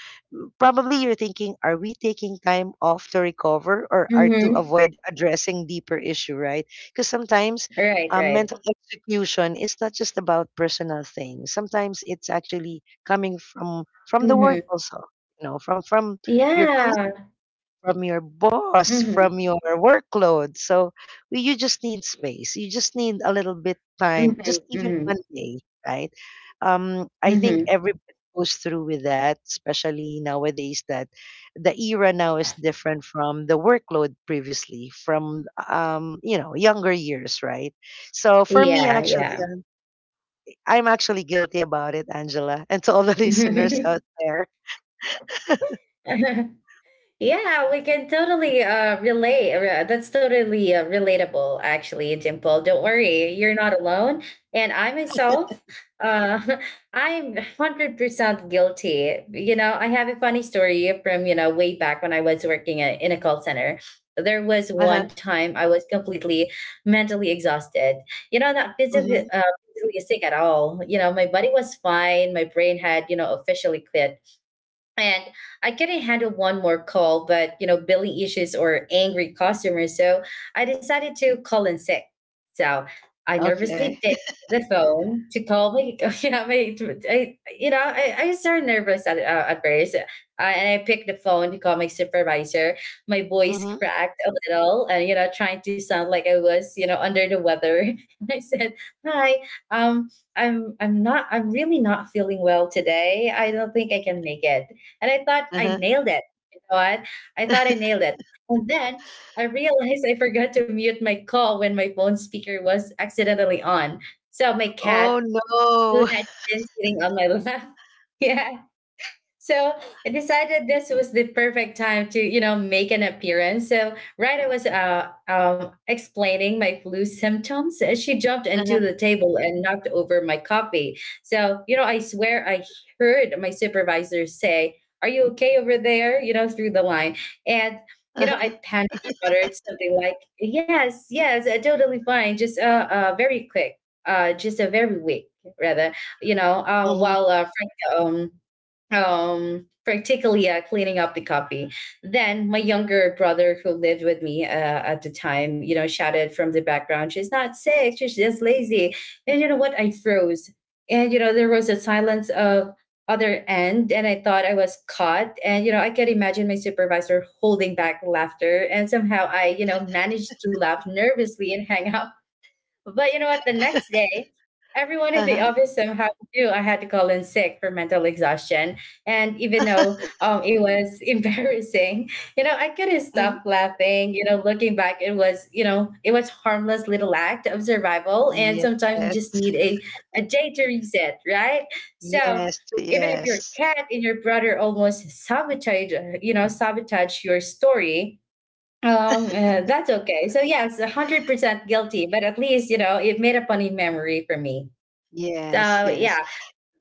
Speaker 2: Probably you're thinking, are we taking time off to recover, or are to
Speaker 1: Mhm.
Speaker 2: avoid addressing deeper issue, right? Because sometimes
Speaker 1: Right, right.
Speaker 2: mental execution is not just about personal things. Sometimes it's actually coming from the work
Speaker 1: Mhm.
Speaker 2: also, you know, from your colleagues,
Speaker 1: Yeah.
Speaker 2: from your boss,
Speaker 1: Mhm.
Speaker 2: from your workload. So you just need space. You just need a little bit time,
Speaker 1: Mhm,
Speaker 2: just even
Speaker 1: mhm,
Speaker 2: 1 day, right? I think
Speaker 1: mhm.
Speaker 2: everybody goes through with that, especially nowadays, that the era now is different from the workload previously, from younger years, right? So for me, actually,
Speaker 1: Yeah,
Speaker 2: I'm actually guilty about it, Angela, and to all the listeners
Speaker 1: yeah.
Speaker 2: out there.
Speaker 1: Yeah, we can totally relate. That's totally relatable, actually, Dimple. Don't worry, you're not alone. And I myself, uh, I'm 100% guilty. You know, I have a funny story from, you know, way back when I was working in a call center. There was
Speaker 2: Uh-huh.
Speaker 1: one time I was completely mentally exhausted. You know, not physically,
Speaker 2: Hmm.
Speaker 1: physically sick at all. You know, my body was fine. My brain had, you know, officially quit, and I couldn't handle one more call, but you know, billing issues or angry customers, so I decided to call in sick. So I nervously
Speaker 2: Okay.
Speaker 1: picked the phone to call me. You know, my, I, you know, I was so nervous at first, and I picked the phone to call my supervisor. My voice
Speaker 2: Mhm,
Speaker 1: cracked a little, and you know, trying to sound like I was, you know, under the weather. And I said, "Hi, um, I'm really not feeling well today. I don't think I can make it." And I thought I
Speaker 2: uh-huh.
Speaker 1: nailed it. You know what? I thought I nailed it. And then I realized I forgot to mute my call when my phone speaker was accidentally on. So my cat,
Speaker 2: Oh,
Speaker 1: who
Speaker 2: no.
Speaker 1: had been sitting on my lap, yeah, so I decided this was the perfect time to, you know, make an appearance. So right, I was explaining my flu symptoms. She jumped into
Speaker 2: Uh-huh,
Speaker 1: the table and knocked over my coffee. So you know, I swear I heard my supervisor say, "Are you okay over there?" You know, through the line. And you know, I panicked and uttered something like, "Yes, yes, totally fine. Just very quick. Just a very weak, rather. You know,
Speaker 2: uh-huh, mhm,
Speaker 1: while Frank um particularly cleaning up the copy." Then my younger brother, who lived with me at the time, you know, shouted from the background, "She's not sick. She's just lazy." And you know what? I froze, and you know there was a silence of other end, and I thought I was caught. And you know, I could imagine my supervisor holding back laughter, and somehow I, you know, managed to laugh nervously and hang up. But you know what? The next day, everyone in the
Speaker 2: uh-huh.
Speaker 1: office somehow knew I had to call in sick for mental exhaustion. And even though it was embarrassing, you know, I couldn't
Speaker 2: Mhm.
Speaker 1: stop laughing. You know, looking back, it was, you know, it was harmless little act of survival. And
Speaker 2: Yes.
Speaker 1: sometimes you just need a day to reset, right? So
Speaker 2: Yes,
Speaker 1: even if your
Speaker 2: yes.
Speaker 1: cat and your brother almost sabotage, you know, sabotage your story, that's okay. So yes, 100% guilty, but at least you know it made a funny memory for me.
Speaker 2: Yes,
Speaker 1: So
Speaker 2: yes.
Speaker 1: yeah,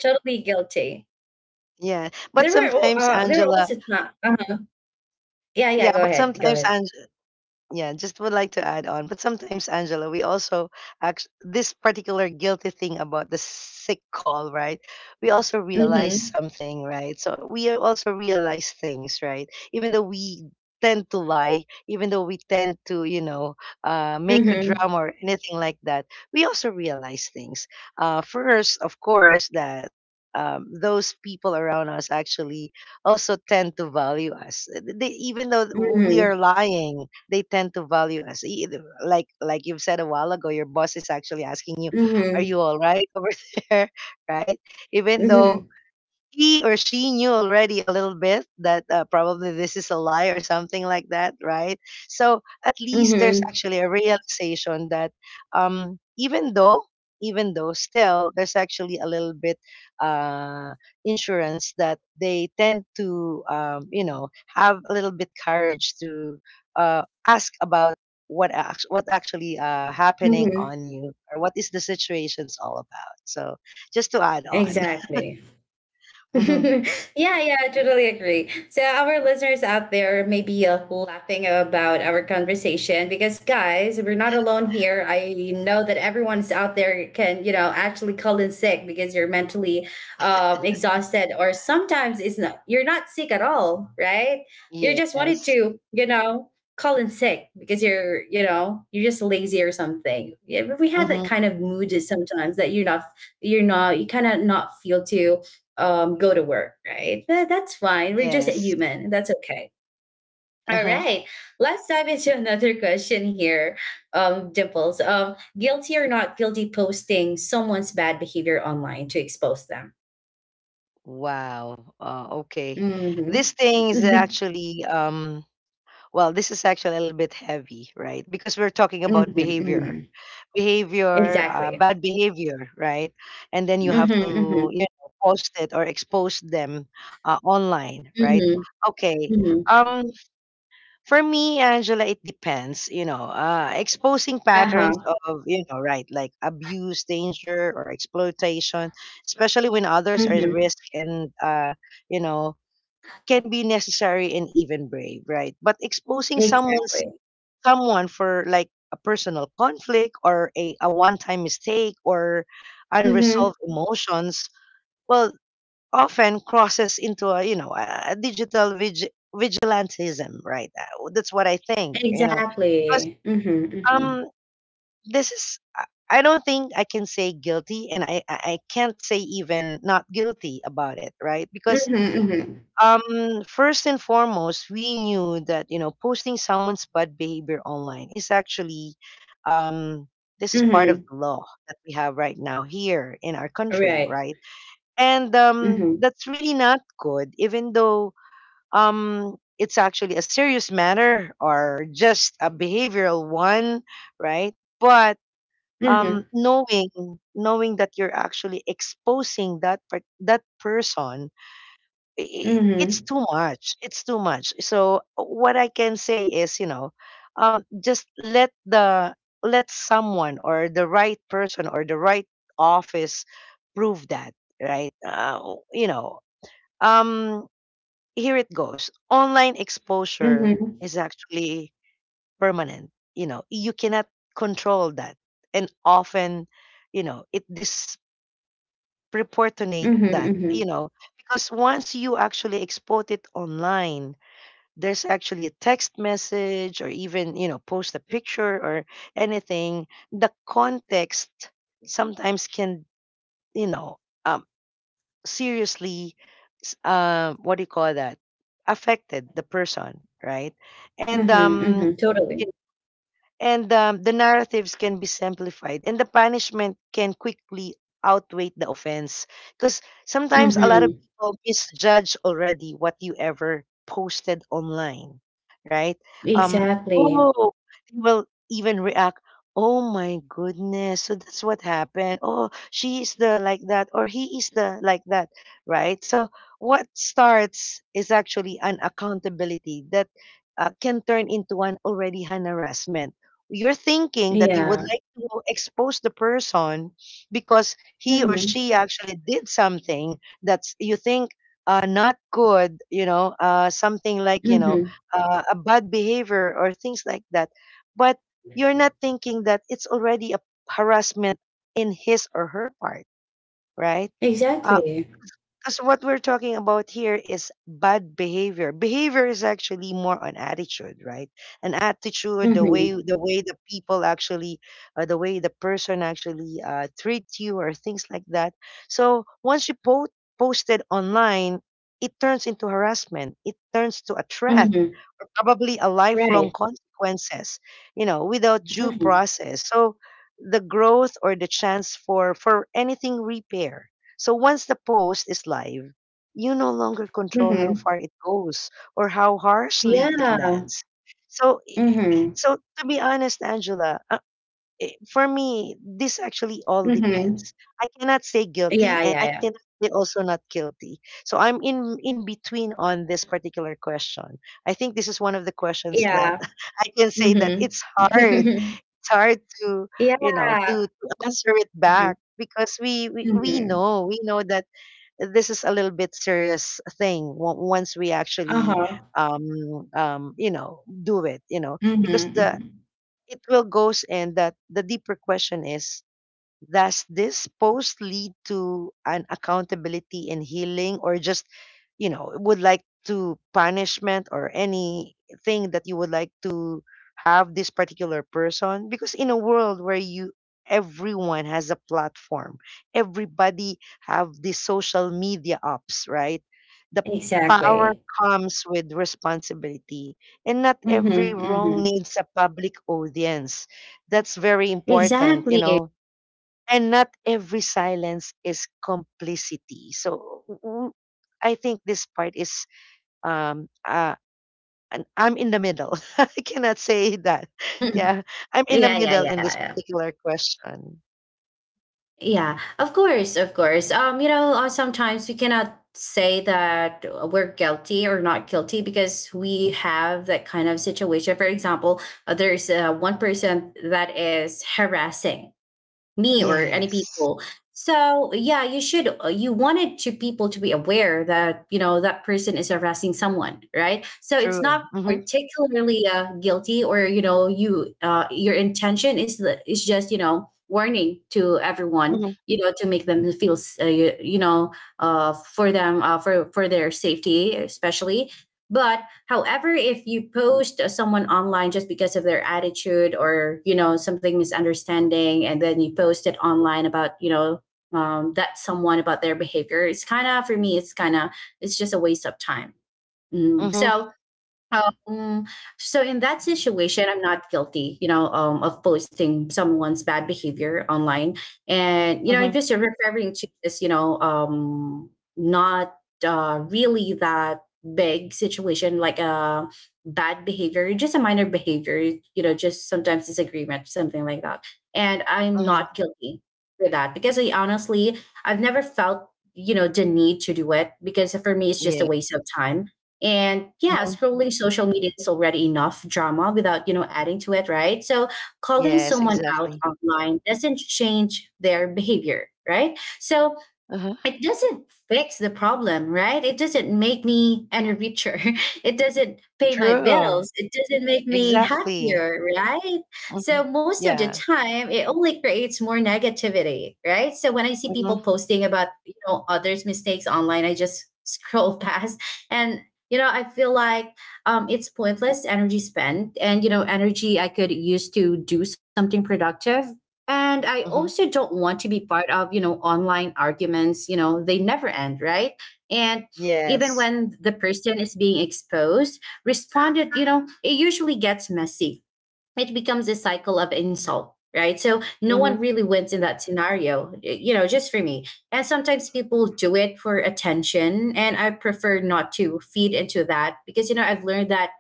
Speaker 1: totally guilty.
Speaker 2: Yeah. But sometimes,
Speaker 1: There were
Speaker 2: Angela,
Speaker 1: also not. Uh-huh. Yeah,
Speaker 2: yeah,
Speaker 1: yeah. Go
Speaker 2: but
Speaker 1: ahead. Go
Speaker 2: sometimes,
Speaker 1: ahead.
Speaker 2: yeah, just would like to add on. But sometimes, Angela, we also act this particular guilty thing about the sick call, right? We also realize
Speaker 1: Mhm.
Speaker 2: something, right? So we are also realize things, right, even though we tend to lie, even though we tend to make a
Speaker 1: Mhm.
Speaker 2: drama or anything like that. We also realize things, first of course, that those people around us actually also tend to value us. They, even though we are
Speaker 1: Mhm.
Speaker 2: lying, they tend to value us. Like you've said a while ago, your boss is actually asking you, "Are
Speaker 1: Mhm.
Speaker 2: you all right over there?" Right? Even though
Speaker 1: Mhm.
Speaker 2: he or she knew already a little bit that, probably this is a lie or something like that, right? So at least there's
Speaker 1: Mhm.
Speaker 2: actually a realization that, um, even though, even though still, there's actually a little bit uh, insurance that they tend to, have a little bit courage to ask about what actually happening
Speaker 1: Mhm.
Speaker 2: on you, or what is the situation's all about. So just to add on.
Speaker 1: Exactly. Yeah, yeah, I totally agree. So our listeners out there may be laughing about our conversation, because guys, we're not alone here. I know that everyone's out there can, you know, actually call in sick because you're mentally exhausted, or sometimes it's not you're not sick at all, right? You just wanted
Speaker 2: Yes.
Speaker 1: to, you know, call in sick because you're just lazy or something. Yeah, but we have that
Speaker 2: Mhm.
Speaker 1: kind of mood sometimes that you're not you kind of not feel to go to work, right? That's fine. We're just a
Speaker 2: Yes.
Speaker 1: human. That's okay. All
Speaker 2: Uh-huh.
Speaker 1: right. Let's dive into another question here, Dimples. Guilty or not guilty posting someone's bad behavior online to expose them?
Speaker 2: Wow. Okay.
Speaker 1: Hmm.
Speaker 2: This thing is
Speaker 1: Hmm.
Speaker 2: actually well, this is actually a little bit heavy, right? Because we're talking
Speaker 1: Hmm.
Speaker 2: about behavior. Behavior,
Speaker 1: Exactly.
Speaker 2: bad behavior, right? And then you
Speaker 1: Hmm.
Speaker 2: have to,
Speaker 1: Hmm.
Speaker 2: post it or expose them online, right?
Speaker 1: Hmm.
Speaker 2: Okay.
Speaker 1: Hmm.
Speaker 2: Um For me, Angela, it depends. You know, exposing patterns
Speaker 1: Uh-huh.
Speaker 2: of, right, like abuse, danger, or exploitation, especially when others are at
Speaker 1: Hmm.
Speaker 2: risk and, you know, can be necessary and even brave, right? But exposing
Speaker 1: Exactly.
Speaker 2: someone for like a personal conflict or a one-time mistake or
Speaker 1: Hmm.
Speaker 2: unresolved emotions, well, often crosses into a you know a digital vigilantism, right? That's what I think, you know, because
Speaker 1: Exactly. Hmm. Hmm.
Speaker 2: um this is I don't think I can say guilty and I i can't say even not guilty about it, right? Because
Speaker 1: Hmm.
Speaker 2: um first and foremost, we knew that, you know, posting someone's bad behavior online is actually um this is part of
Speaker 1: Hmm.
Speaker 2: the law that we have right now here in our country,
Speaker 1: Right.
Speaker 2: right? And
Speaker 1: Mm-hmm.
Speaker 2: that's really not good, even though it's actually a serious matter or just a behavioral one, right? But
Speaker 1: Mm-hmm.
Speaker 2: knowing knowing that you're actually exposing that person, it's
Speaker 1: Mhm.
Speaker 2: too much. It's too much. So what I can say is, you know, just let the let someone or the right person or the right office prove that, right? Um, here it goes. Online exposure
Speaker 1: Mhm.
Speaker 2: is actually permanent. You know, you cannot control that, and often, you know, it dis proportionate
Speaker 1: Mhm,
Speaker 2: that, you
Speaker 1: mhm.
Speaker 2: know, because once you actually export it online, there's actually a text message or even, you know, post a picture or anything, the context sometimes can, you know, um, seriously, what do you call that? Affected the person, right? And,
Speaker 1: Mhm,
Speaker 2: um,
Speaker 1: mhm. Totally.
Speaker 2: and the narratives can be simplified and the punishment can quickly outweigh the offense, because sometimes a lot of
Speaker 1: Mhm.
Speaker 2: people misjudge already what you ever posted online, right? um
Speaker 1: Exactly.
Speaker 2: oh they will even react, oh my goodness, so that's what happened, oh she is the like that or he is the like that, right? So what starts is actually an accountability that can turn into an already an harassment. You're thinking that you would
Speaker 1: Yeah.
Speaker 2: like to expose the person because he or
Speaker 1: Mhm.
Speaker 2: she actually did something that's you think not good, you know, something like, you know,
Speaker 1: Mhm.
Speaker 2: a bad behavior or things like that. But you're not thinking that it's already a harassment in his or her part, right? Uh,
Speaker 1: Exactly.
Speaker 2: because what we're talking about here is bad behavior. Behavior is actually more on attitude, right? An attitude, the way
Speaker 1: Mhm.
Speaker 2: the way the people actually, the way the person actually treat you, or things like that. So once you post it online, it turns into harassment. It turns to a threat,
Speaker 1: Mhm.
Speaker 2: or probably a lifelong
Speaker 1: Right.
Speaker 2: consequences. You know, without due
Speaker 1: Mhm.
Speaker 2: process. So the growth or the chance for anything repair, so once the post is live, you no longer control how
Speaker 1: Mhm.
Speaker 2: far it goes or how harshly it
Speaker 1: Yeah.
Speaker 2: lands. So, i-
Speaker 1: Mhm.
Speaker 2: so to be honest, Angela, for me, this actually all
Speaker 1: Mhm.
Speaker 2: depends. I cannot say guilty,
Speaker 1: Yeah,
Speaker 2: and
Speaker 1: yeah,
Speaker 2: I
Speaker 1: yeah.
Speaker 2: cannot say also not guilty. So I'm in between on this particular question. I think this is one of the questions that
Speaker 1: Yeah.
Speaker 2: I can say that
Speaker 1: Mhm.
Speaker 2: it's hard. It's hard to,
Speaker 1: Yeah.
Speaker 2: you know, to answer it
Speaker 1: Mhm.
Speaker 2: back because we
Speaker 1: Mhm.
Speaker 2: know we know that this is a little bit serious thing once we actually
Speaker 1: Uh-huh.
Speaker 2: um, you know, do it, you know,
Speaker 1: Mhm.
Speaker 2: because the
Speaker 1: Mhm.
Speaker 2: it will goes in that the deeper question is, does this post lead to an accountability and healing, or just, you know, would like to punishment or anything that you would like to have this particular person? Because in a world where you everyone has a platform, everybody have the social media apps, right? The power
Speaker 1: Exactly.
Speaker 2: comes with responsibility, and not every
Speaker 1: Mhm.
Speaker 2: wrong
Speaker 1: Mhm.
Speaker 2: needs a public audience. That's very important, you
Speaker 1: Exactly.
Speaker 2: know, and not every silence is complicity. So I think this part is um uh and I'm in the middle. I cannot say that. Yeah, I'm in the
Speaker 1: Yeah, yeah,
Speaker 2: middle in this
Speaker 1: yeah.
Speaker 2: particular question.
Speaker 1: Yeah, of course, of course. You know, sometimes we cannot say that we're guilty or not guilty because we have that kind of situation. For example, there's one person that is harassing me or any
Speaker 2: Yes,
Speaker 1: people, so yeah, you should, you wanted to people to be aware that, you know, that person is harassing someone, right? So it's
Speaker 2: true.
Speaker 1: not
Speaker 2: Mhm.
Speaker 1: particularly guilty, or, you know, you, your intention is just, you know, warning to everyone,
Speaker 2: Mhm.
Speaker 1: you know, to make them feel you, you know, for them, for their safety especially. But However, if you post someone online just because of their attitude, or, you know, something misunderstanding, and then you post it online about, you know, that someone about their behavior, it's kind of, for me, it's just a waste of time. Mm.
Speaker 2: Mhm.
Speaker 1: Um, so in that situation, I'm not guilty, you know, of posting someone's bad behavior online. And, you know, I'm
Speaker 2: Mhm.
Speaker 1: just referring to this, you know, not really that big situation, like a bad behavior, just a minor behavior, you know, just sometimes disagreement, something like that. And I'm
Speaker 2: Mhm.
Speaker 1: not guilty for that because I honestly, I've never felt, you know, the need to do it, because for me, it's just a
Speaker 2: Yeah.
Speaker 1: waste of time. And yeah,
Speaker 2: Mhm.
Speaker 1: scrolling social media is already enough drama without, you know, adding to it, right? So calling
Speaker 2: Yes,
Speaker 1: someone out
Speaker 2: exactly.
Speaker 1: online doesn't change their behavior, right? So
Speaker 2: Uh-huh.
Speaker 1: it doesn't fix the problem, right? It doesn't make me any richer. It doesn't pay my
Speaker 2: True.
Speaker 1: bills. It doesn't make me
Speaker 2: Exactly.
Speaker 1: happier, right? So
Speaker 2: Mhm.
Speaker 1: most of the
Speaker 2: Yeah.
Speaker 1: time, it only creates more negativity, right? So when I see
Speaker 2: Mhm.
Speaker 1: people posting about, you know, others' mistakes online, I just scroll past, and, you know, I feel like it's pointless energy spent, and, you know, energy I could use to do something productive. And I also
Speaker 2: Mhm.
Speaker 1: don't want to be part of, you know, online arguments. You know, they never end, right? And even
Speaker 2: Yes.
Speaker 1: when the person is being exposed responded, you know, it usually gets messy. It becomes a cycle of insult, right? So no one
Speaker 2: Mhm.
Speaker 1: really wins in that scenario, you know, just for me. And sometimes people do it for attention, and I prefer not to feed into that, because, you know, I've learned that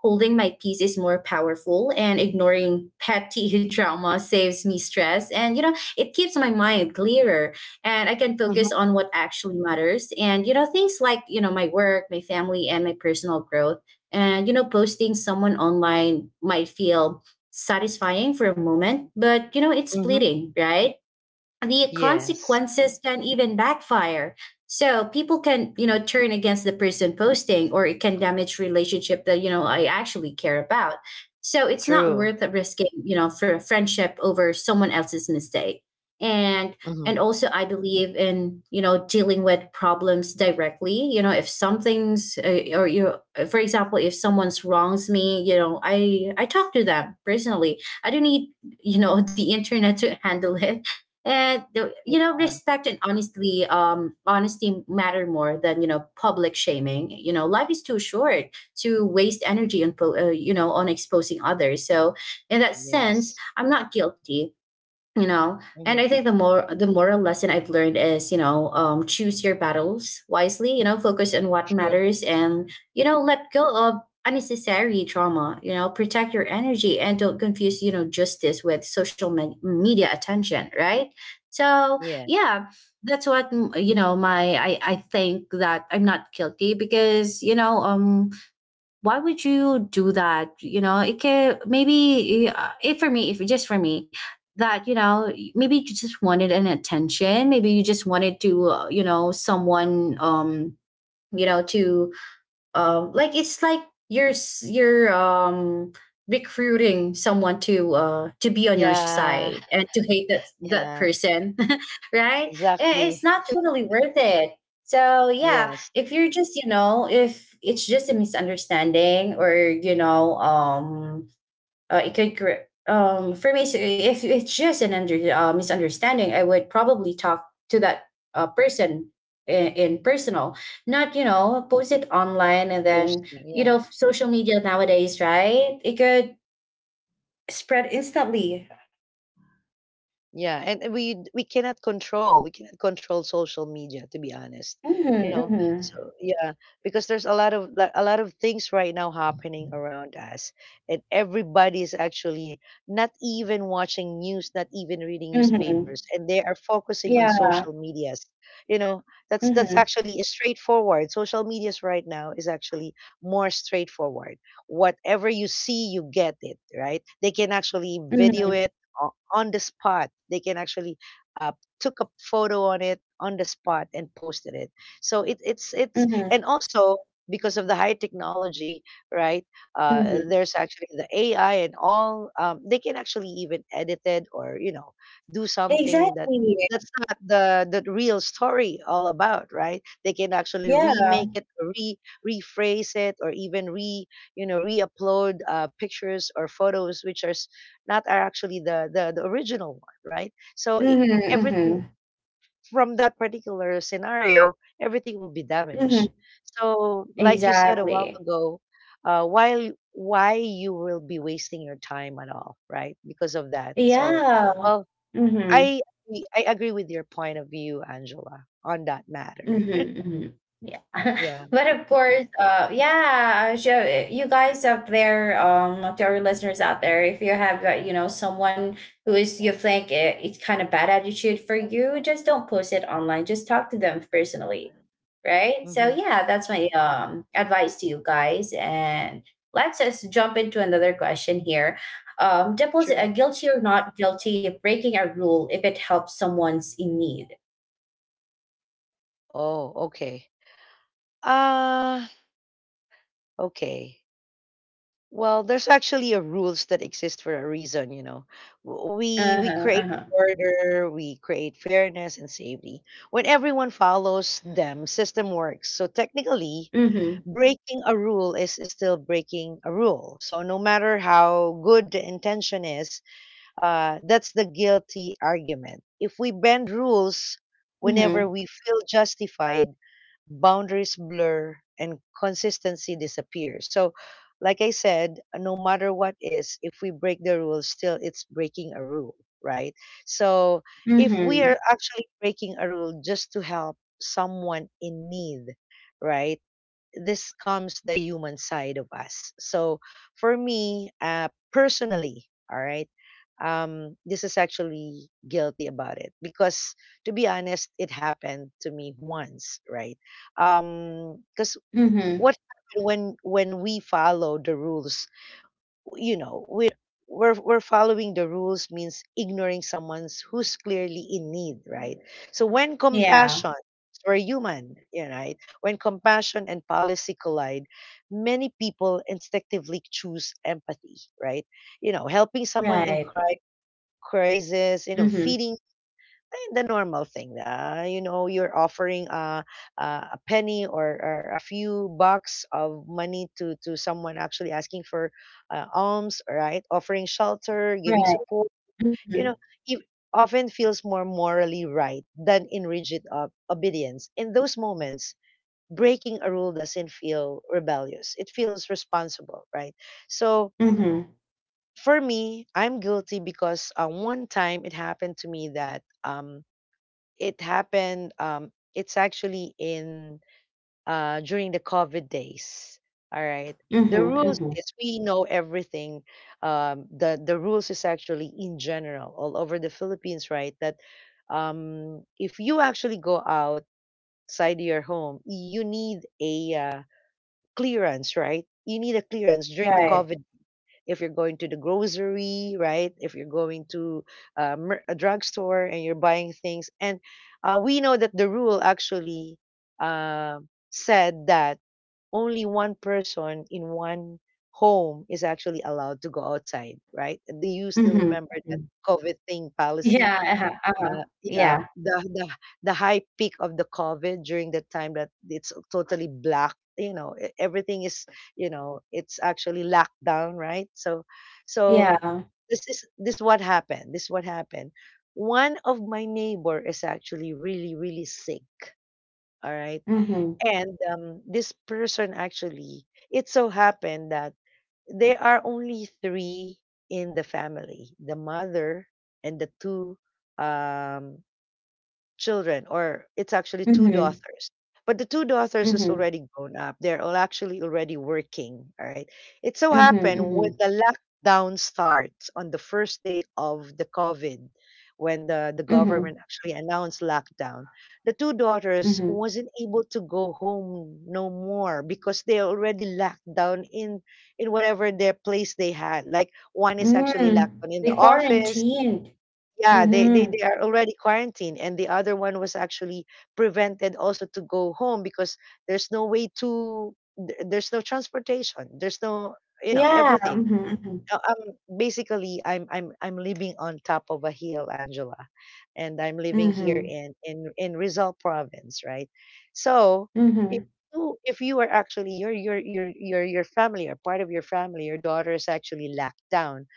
Speaker 1: holding my peace is more powerful, and ignoring petty trauma saves me stress, and, you know, it keeps my mind clearer. And I can
Speaker 2: Mhm.
Speaker 1: focus on what actually matters, and, you know, things like, you know, my work, my family, and my personal growth. And, you know, posting someone online might feel satisfying for a moment, but, you know, it's
Speaker 2: Mhm.
Speaker 1: fleeting, right? The
Speaker 2: Yes.
Speaker 1: consequences can even backfire. So people can, you know, turn against the person posting, or it can damage relationship that, you know, I actually care about. So it's not
Speaker 2: True.
Speaker 1: worth risking, you know, for a friendship over someone else's mistake. And
Speaker 2: Mhm.
Speaker 1: and also I believe in, you know, dealing with problems directly. You know, if something's or, you know, for example, if someone's wrongs me, you know, I talk to them personally. I don't need, you know, the internet to handle it. And you know,
Speaker 2: Yeah.
Speaker 1: respect, and honestly honesty matter more than, you know, public shaming. You know, life is too short to waste energy on you know, on exposing others. So in that sense,
Speaker 2: Yes.
Speaker 1: I'm not guilty, you know. And I
Speaker 2: Mhm.
Speaker 1: think the moral lesson I've learned is, you know, choose your battles wisely, you know, focus on what
Speaker 2: True.
Speaker 1: matters, and, you know, let go of unnecessary trauma. You know, protect your energy, and don't confuse, you know, justice with social media attention, right? So
Speaker 2: Yeah.
Speaker 1: yeah, that's what you know, I think that I'm not guilty, because, you know, why would you do that, you know? It can, maybe, if for me, if just for me, that, you know, maybe you just wanted an attention, maybe you just wanted to, you know, someone, you know, to, like, it's like you're you're, recruiting someone to to be on your
Speaker 2: Yeah.
Speaker 1: side, and to hate that
Speaker 2: Yeah.
Speaker 1: person, right? I- it's
Speaker 2: Exactly.
Speaker 1: not totally worth it. So yeah,
Speaker 2: Yes.
Speaker 1: if you're just, you know, if it's just a misunderstanding, or, you know, it could for me, so if it's just an misunderstanding, I would probably talk to that person in personal, not, you know, post it online. And then,
Speaker 2: Posting.
Speaker 1: you
Speaker 2: Yeah.
Speaker 1: know, social media nowadays, right? It could spread instantly.
Speaker 2: Yeah, and we cannot control, we cannot control social media, to be honest,
Speaker 1: Mm-hmm,
Speaker 2: you know.
Speaker 1: mm-hmm,
Speaker 2: So yeah, because there's a lot of a lot of things right now happening around us, and everybody is actually not even watching news, not even reading
Speaker 1: mm-hmm.
Speaker 2: newspapers, and they are focusing on
Speaker 1: Yeah.
Speaker 2: social medias. You know, that's
Speaker 1: Mm-hmm,
Speaker 2: actually straightforward. Social medias right now is actually more straightforward. Whatever you see, you get it, right? They can actually video
Speaker 1: mm-hmm,
Speaker 2: it on the spot. They can actually uh, took a photo on it on the spot and posted it. So it's and
Speaker 1: mm-hmm,
Speaker 2: also because of the high technology, right?
Speaker 1: mm-hmm.
Speaker 2: There's actually the AI and all. They can actually even edit it or, you know, do something that
Speaker 1: Exactly.
Speaker 2: that's not the real story all about, right? They can actually
Speaker 1: Yeah.
Speaker 2: remake it, re rephrase it, or even re you know, re-upload pictures or photos which are not are actually the original one, right? So I everything
Speaker 1: Mm-hmm,
Speaker 2: from that particular scenario, everything will be
Speaker 1: mm-hmm, mm-hmm.
Speaker 2: damaged. So, like you said a while
Speaker 1: Exactly.
Speaker 2: ago, while why you will be wasting your time at all, right? Because of that. So,
Speaker 1: Yeah.
Speaker 2: well,
Speaker 1: Mm-hmm.
Speaker 2: I I agree with your point of view, Angela, on that matter.
Speaker 1: Mm-hmm. Hmm. Yeah.
Speaker 2: Yeah.
Speaker 1: But of course, yeah, sure. You guys out there, to our listeners out there, if you have, you know, someone who is, you think, it's kind of bad attitude for you, just don't post it online. Just talk to them personally, right? So
Speaker 2: Mm-hmm.
Speaker 1: yeah, that's my advice to you guys. And let's just jump into another question here. Doubles
Speaker 2: Sure.
Speaker 1: guilty or not guilty of breaking a rule if it helps someone's in need?
Speaker 2: Oh, okay. Uh, okay. Well, there's actually a rules that exist for a reason, you know. W- We
Speaker 1: Uh
Speaker 2: we
Speaker 1: huh. Uh
Speaker 2: create
Speaker 1: huh.
Speaker 2: order, we create fairness and safety. When everyone follows them, system works. So technically,
Speaker 1: Mm-hmm.
Speaker 2: breaking a rule is still breaking a rule. So no matter how good the intention is, that's the guilty argument. If we bend rules whenever
Speaker 1: Mhm.
Speaker 2: we feel justified, boundaries blur and consistency disappears. So, like I said, no matter what is, if we break the rules, still it's breaking a rule, right? So, if we are
Speaker 1: Mhm.
Speaker 2: actually breaking a rule just to help someone in need, right? This comes the human side of us. So for me, personally, all right, this is actually guilty about it because, to be honest, it happened to me once, right? Because
Speaker 1: Mhm.
Speaker 2: what happened when we follow the rules, you know, we're following the rules means ignoring someone's who's clearly in need, right? So when
Speaker 1: Yeah.
Speaker 2: compassion, we're human, you know, right, when compassion and policy collide, many people instinctively choose empathy, right? You know, helping someone in
Speaker 1: Right.
Speaker 2: crisis, you know,
Speaker 1: Mhm.
Speaker 2: feeding the normal thing. You know, you're offering a a penny or a few bucks of money to someone actually asking for alms, right? Offering shelter, giving
Speaker 1: Right.
Speaker 2: support, you
Speaker 1: Mhm.
Speaker 2: know, it often feels more morally right than in rigid obedience. In those moments, breaking a rule doesn't feel rebellious, it feels responsible, right? So,
Speaker 1: Mhm.
Speaker 2: for me, I'm guilty because one time it happened to me that It happened. It's actually in during the COVID days. All right. The
Speaker 1: Mhm.
Speaker 2: rules
Speaker 1: Mhm.
Speaker 2: is we know everything. The rules is actually in general all over the Philippines, right? That if you actually go outside your home, you need a clearance, right? You need a clearance during the
Speaker 1: Right.
Speaker 2: COVID if you're going to the grocery, right? If you're going to a drugstore and you're buying things. And we know that the rule actually uh, said that only one person in one home is actually allowed to go outside, right? Do you still
Speaker 1: Mhm.
Speaker 2: remember that
Speaker 1: Mhm.
Speaker 2: COVID thing policy?
Speaker 1: Yeah. Uh-huh. Uh-huh.
Speaker 2: Uh, yeah,
Speaker 1: Yeah.
Speaker 2: the high peak of the COVID during the time that it's totally black, you know, everything is, you know, it's actually locked down, right? So
Speaker 1: Yeah.
Speaker 2: this is this what happened. This what happened. One of my neighbor is actually really really sick. All right,
Speaker 1: Mhm.
Speaker 2: and this person actually, it so happened that there are only three in the family: the mother and the two um children, or it's actually two
Speaker 1: Mhm.
Speaker 2: daughters. But the two daughters is
Speaker 1: Mhm.
Speaker 2: already grown up. They're all actually already working. All right. It so
Speaker 1: Mhm.
Speaker 2: happened when
Speaker 1: Mhm.
Speaker 2: the lockdown starts on the first day of the COVID, when the
Speaker 1: Mhm.
Speaker 2: government actually announced lockdown, the two daughters
Speaker 1: Mhm.
Speaker 2: wasn't able to go home no more because they already locked down in whatever their place they had. Like one is actually locked
Speaker 1: Mm.
Speaker 2: down in the
Speaker 1: They
Speaker 2: office,
Speaker 1: quarantined.
Speaker 2: yeah,
Speaker 1: Mhm.
Speaker 2: they are already quarantined, and the other one was actually prevented also to go home because there's no way to there's no transportation, there's no, you know,
Speaker 1: Yeah.
Speaker 2: everything.
Speaker 1: Mhm. Mhm.
Speaker 2: Basically, I'm living on top of a hill, Angela, and I'm living here
Speaker 1: Mhm.
Speaker 2: in Rizal province, right? So if
Speaker 1: Mhm.
Speaker 2: if you are actually your family or part of your family, your daughter is actually locked down,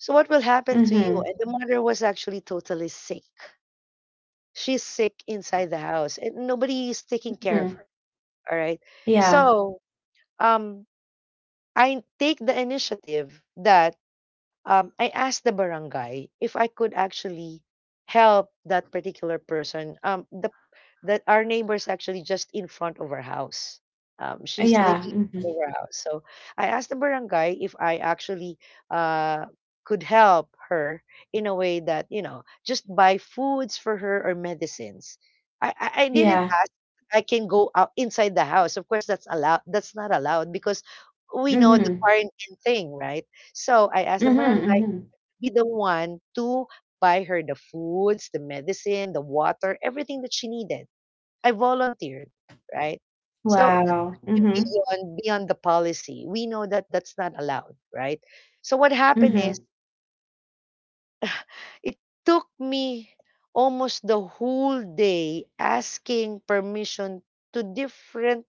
Speaker 2: so what will happen to you?
Speaker 1: Mhm.
Speaker 2: And the mother was actually totally sick. She's sick inside the house and nobody is taking care of
Speaker 1: Mhm.
Speaker 2: her. All right.
Speaker 1: Yeah.
Speaker 2: So um I take the initiative that I asked the barangay if I could actually help that particular person. The That our neighbor's actually just in front of our house. She's living
Speaker 1: Yeah.
Speaker 2: in
Speaker 1: Mhm.
Speaker 2: front of our house. So I asked the barangay if I actually uh, could help her in a way that, you know, just buy foods for her or medicines. I didn't
Speaker 1: Yeah.
Speaker 2: ask I can go out inside the house. Of course that's allowed, that's not allowed, because we know the
Speaker 1: Mhm.
Speaker 2: quarantine thing, right? So I asked the barangay
Speaker 1: Mhm. Mhm.
Speaker 2: to be the one to buy her the foods, the medicine, the water, everything that she needed. I volunteered, right? So that's
Speaker 1: Wow.
Speaker 2: actually
Speaker 1: Mhm.
Speaker 2: beyond the policy. We know that that's not allowed, right? So what happened is
Speaker 1: Mhm.
Speaker 2: it took me almost the whole day asking permission to different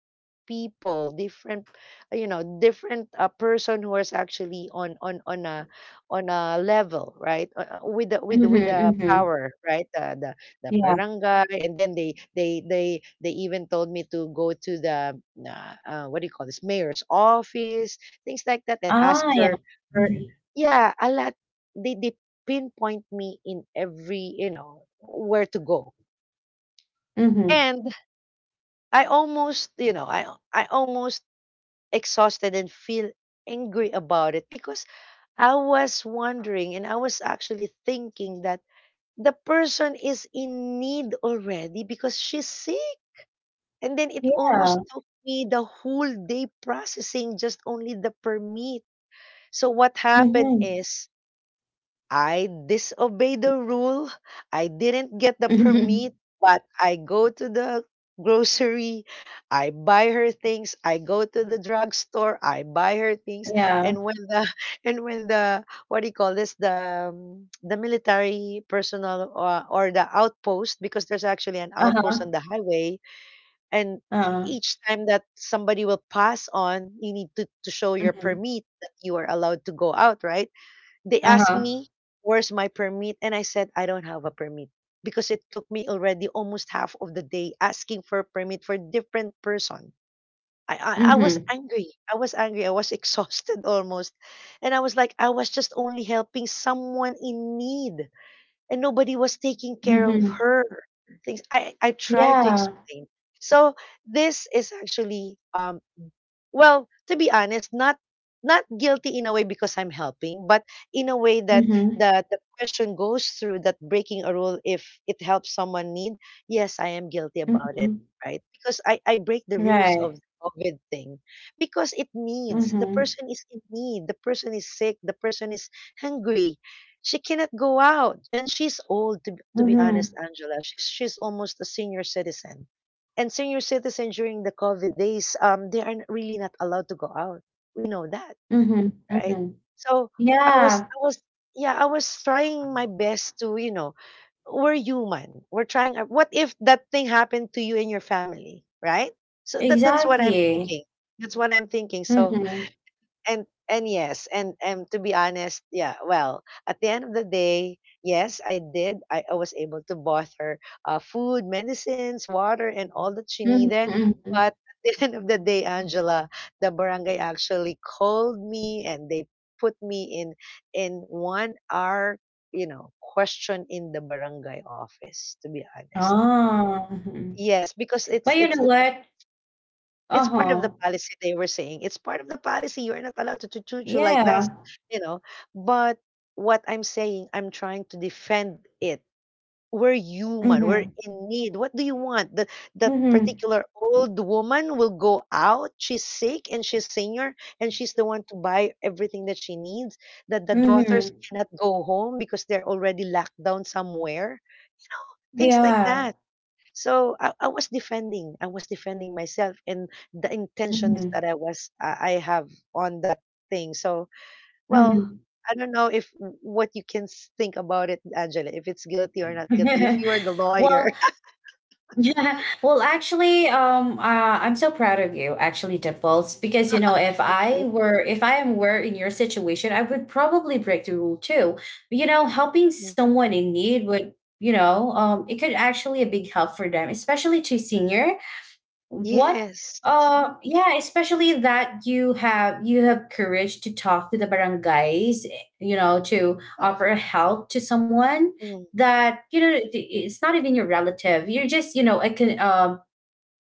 Speaker 2: people different you know different a person who is actually on a level, right. With the
Speaker 1: Mhm, mhm.
Speaker 2: power right, the
Speaker 1: Yeah.
Speaker 2: barangay, and then they even told me to go to the what do you call this, mayor's office, things like that, and ask
Speaker 1: Ah, yeah.
Speaker 2: for for
Speaker 1: Mhm.
Speaker 2: yeah, a lot. They pinpoint me in every where to go,
Speaker 1: Mhm.
Speaker 2: and I almost, you know, I almost exhausted and feel angry about it, because I was wondering, and I was actually thinking that the person is in need already because she's sick. And then it
Speaker 1: Yeah.
Speaker 2: almost took me the whole day processing just only the permit. So what happened
Speaker 1: Mhm.
Speaker 2: is I disobeyed the rule. I didn't get the
Speaker 1: Mhm.
Speaker 2: permit, but I go to the grocery, I buy her things, I go to the drugstore, I buy her things,
Speaker 1: Yeah.
Speaker 2: and when the and when the what do you call this, the military personnel, or the outpost, because there's actually an outpost
Speaker 1: Uh-huh.
Speaker 2: on the highway, and
Speaker 1: Uh-huh.
Speaker 2: each time that somebody will pass on, you need to show your
Speaker 1: Mhm.
Speaker 2: permit that you are allowed to go out, right. They asked
Speaker 1: Uh-huh.
Speaker 2: me, where's my permit? And I said, I don't have a permit, because it took me already almost half of the day asking for permit for different person. I was
Speaker 1: Mhm.
Speaker 2: angry. I was angry. I was exhausted almost. And I was like, I was just only helping someone in need, and nobody was taking care of
Speaker 1: Mhm.
Speaker 2: her. Things I tried to
Speaker 1: Yeah.
Speaker 2: explain. So this is actually well, to be honest, not guilty in a way, because I'm helping, but in a way that
Speaker 1: Mhm.
Speaker 2: the question goes through that, breaking a rule if it helps someone need, yes, I am guilty about it,
Speaker 1: Mhm.
Speaker 2: right? Because I break the rules of
Speaker 1: Right.
Speaker 2: the COVID thing, because it needs, the
Speaker 1: Mhm.
Speaker 2: person is in need, the person is sick, the person is hungry. She cannot go out, and she's old, to be honest,
Speaker 1: Mhm.
Speaker 2: Angela. She's almost a senior citizen, and senior citizens during the COVID days, they are really not allowed to go out. We know that,
Speaker 1: Mhm.
Speaker 2: right?
Speaker 1: Mhm.
Speaker 2: So I was,
Speaker 1: Yeah.
Speaker 2: I was, yeah, I was trying my best to, you know, we're human. We're trying. What if that thing happened to you and your family, right? So that's what I'm
Speaker 1: Exactly.
Speaker 2: thinking. That's what I'm thinking. So
Speaker 1: Mhm.
Speaker 2: and yes, and to be honest, yeah, well, at the end of the day, yes, I did. I was able to bought her food, medicines, water, and all that she
Speaker 1: Mhm.
Speaker 2: needed,
Speaker 1: Mhm.
Speaker 2: but at the end of the day, Angela, the barangay actually called me, and they put me in 1 hour, question in the barangay office, to be honest.
Speaker 1: Ah. Mhm.
Speaker 2: Yes, because it's
Speaker 1: But you
Speaker 2: it's
Speaker 1: know
Speaker 2: it's
Speaker 1: what?
Speaker 2: it's part of the
Speaker 1: Uh-huh.
Speaker 2: policy, they were saying. It's part of the policy. You're not allowed to choo you like this,
Speaker 1: Yeah.
Speaker 2: you know. But what I'm saying, I'm trying to defend it. We're human. We're
Speaker 1: Mhm.
Speaker 2: in need. What do you want? That that
Speaker 1: Mhm.
Speaker 2: particular old woman will go out. She's sick and she's senior, and she's the one to buy everything that she needs. That the daughters
Speaker 1: Mhm.
Speaker 2: cannot go home because they're already locked down somewhere. Things like
Speaker 1: Yeah.
Speaker 2: that. So I was defending myself, and the intentions that
Speaker 1: Mhm.
Speaker 2: I was I have on that thing. So well,
Speaker 1: Mhm.
Speaker 2: I don't know if what you can think about it, Angela, if it's guilty or not guilty. If you are the
Speaker 1: Well,
Speaker 2: lawyer,
Speaker 1: yeah. Well, actually, I'm so proud of you, actually, Dimples, because, you know,
Speaker 2: thank you.
Speaker 1: if I were in your situation, I would probably break the rule too. You know, helping
Speaker 2: Mm.
Speaker 1: someone in need would, you know, it could actually a big help for them, especially to seniors. What,
Speaker 2: Yes.
Speaker 1: yeah, especially that you have courage to talk to the barangays, you know, to offer help to someone
Speaker 2: Mm.
Speaker 1: that, you know, it's not even your relative. You're just, you know, a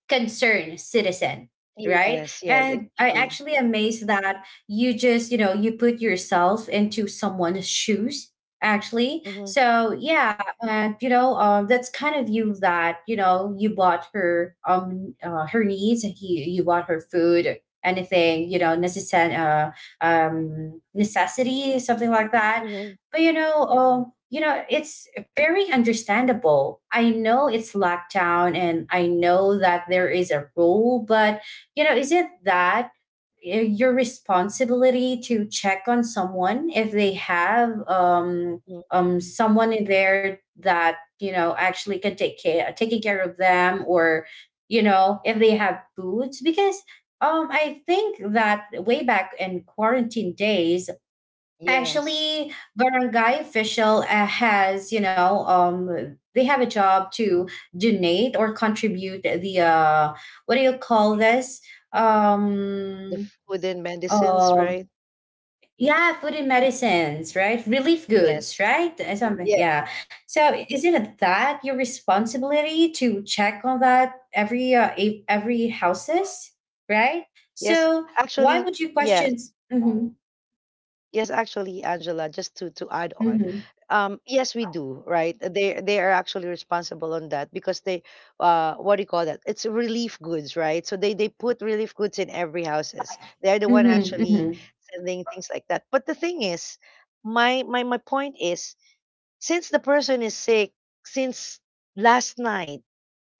Speaker 1: concerned citizen, right?
Speaker 2: Yes. Yes.
Speaker 1: And I
Speaker 2: Exactly.
Speaker 1: actually amazed that you just, you know, you put yourself into someone's shoes, actually.
Speaker 2: Hmm,
Speaker 1: So yeah, and, you know, that's kind of you, that, you know, you bought her, her needs, and you bought her food, anything, you know, necessary, necessity, something like that.
Speaker 2: hmm,
Speaker 1: But, you know, it's very understandable. I know it's lockdown, and I know that there is a rule, but, you know, is it that your responsibility to check on someone if they have,
Speaker 2: hmm.
Speaker 1: someone in there that, you know, actually can take care taking care of them, or, you know, if they have foods, because. I think that way back in quarantine days,
Speaker 2: Yes.
Speaker 1: actually, barangay official, has, you know, they have a job to donate or contribute the what do you call this?
Speaker 2: The
Speaker 1: Um,
Speaker 2: food and medicines,
Speaker 1: uh,
Speaker 2: right?
Speaker 1: yeah, food and medicines, right? Relief goods,
Speaker 2: Yes.
Speaker 1: right? Something,
Speaker 2: Yeah.
Speaker 1: yeah. So, isn't it that your responsibility to check on that every every houses, right?
Speaker 2: Yes.
Speaker 1: So, why
Speaker 2: Actually,
Speaker 1: would you
Speaker 2: yes.
Speaker 1: question? Hmm.
Speaker 2: Yes, actually, Angela, just to add on,
Speaker 1: Hmm.
Speaker 2: yes, we do, right? They are actually responsible on that, because they, what do you call that? It's relief goods, right? So they put relief goods in every houses. They are the
Speaker 1: Hmm.
Speaker 2: one actually
Speaker 1: Hmm.
Speaker 2: sending things like that. But the thing is, my point is, since the person is sick, since last night,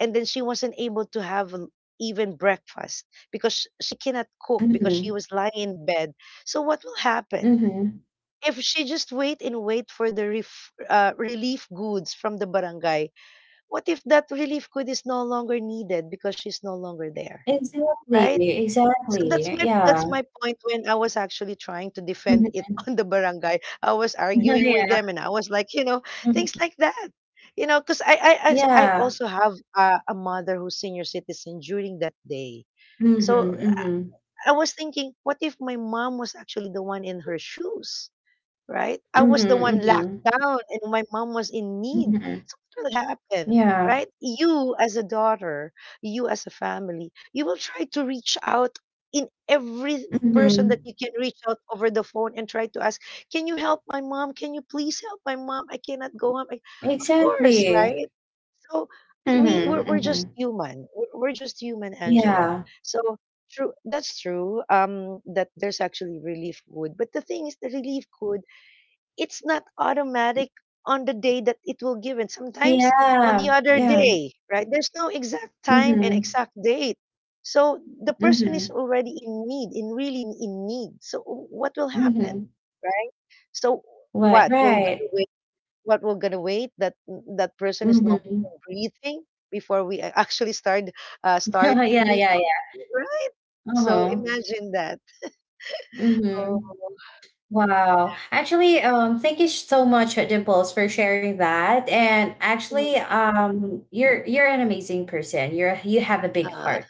Speaker 2: and then she wasn't able to have even breakfast, because she cannot cook, because
Speaker 1: Hmm.
Speaker 2: she was lying in bed. So what will happen?
Speaker 1: Mhm.
Speaker 2: If she just wait and wait for the relief goods from the barangay, what if that relief good is no longer needed because she's no longer there, right?
Speaker 1: Exactly,
Speaker 2: So
Speaker 1: exactly,
Speaker 2: that's my that's
Speaker 1: yeah.
Speaker 2: my point, when I was actually trying to
Speaker 1: Mhm.
Speaker 2: defend it on the barangay. I was arguing with
Speaker 1: Yeah.
Speaker 2: them, and I was like,
Speaker 1: Mhm.
Speaker 2: things like that. You know, because I
Speaker 1: Yeah.
Speaker 2: also have a mother who's senior citizen during that day. So
Speaker 1: Mhm, mhm.
Speaker 2: I was thinking, what if my mom was actually the one in her shoes? Right? I
Speaker 1: Mhm,
Speaker 2: was the one locked
Speaker 1: mhm.
Speaker 2: down, and my mom was in need.
Speaker 1: Mhm.
Speaker 2: So what will happen,
Speaker 1: Yeah.
Speaker 2: right? You as a daughter, you as a family, you will try to reach out in every person that
Speaker 1: Mhm.
Speaker 2: you can reach out over the phone and try to ask, can you help my mom? Can you please help my mom? I cannot go home. Of course,
Speaker 1: Exactly.
Speaker 2: right? So we we're,
Speaker 1: Mhm,
Speaker 2: we're just
Speaker 1: mhm.
Speaker 2: human. We're just human, Angela.
Speaker 1: Yeah.
Speaker 2: So true. That's true. That there's actually relief good, but the thing is, the relief good, it's not automatic on the day that it will give, and sometimes on the
Speaker 1: Yeah,
Speaker 2: other
Speaker 1: yeah.
Speaker 2: day, right, there's no exact time and
Speaker 1: Mhm,
Speaker 2: exact date, so the person is
Speaker 1: mhm,
Speaker 2: already in really in need, so what will happen,
Speaker 1: mhm.
Speaker 2: right? So
Speaker 1: Right,
Speaker 2: what we're gonna
Speaker 1: right.
Speaker 2: wait what we're gonna wait that that person is no
Speaker 1: Mhm.
Speaker 2: longer breathing before we actually start start
Speaker 1: Yeah,
Speaker 2: doing
Speaker 1: yeah, yeah.
Speaker 2: something, right? So
Speaker 1: Uh-huh.
Speaker 2: imagine that. Oh.
Speaker 1: Mhm. Wow. Actually, thank you so much, Dimples, for sharing that. And actually,
Speaker 2: Mhm.
Speaker 1: you're an amazing person. You have a big
Speaker 2: Ah,
Speaker 1: heart,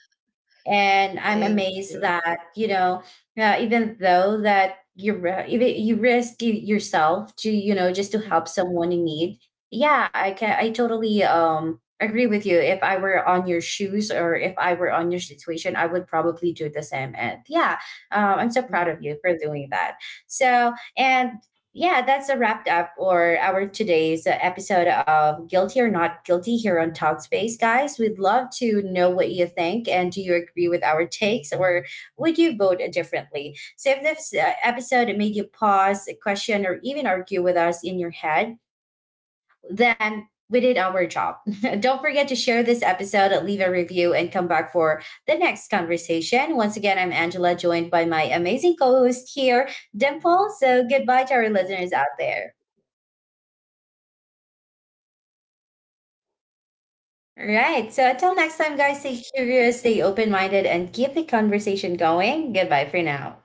Speaker 1: and I'm
Speaker 2: thank
Speaker 1: amazed
Speaker 2: you.
Speaker 1: that, you know, even though that even you risk yourself to, you know, just to help
Speaker 2: Mhm,
Speaker 1: someone in need. Yeah, I can. I totally agree with you. If I were on your shoes, or if I were on your situation, I would probably do the same. And yeah, I'm so proud
Speaker 2: mhm.
Speaker 1: of you for doing that. So and yeah, that's a wrapped up or our today's episode of Guilty or Not Guilty here on Talkspace, guys. We'd love to know what you think, and do you agree with our takes, or would you vote differently? So if this episode made you pause, question, or even argue with us in your head, then we did our job. Don't forget to share this episode, leave a review, and come back for the next conversation. Once again, I'm Angela, joined by my amazing co host here, Dimple. So goodbye to our
Speaker 2: Yes.
Speaker 1: listeners out there. All right. So until next time, guys, stay curious, stay open minded, and keep the conversation going. Goodbye for now.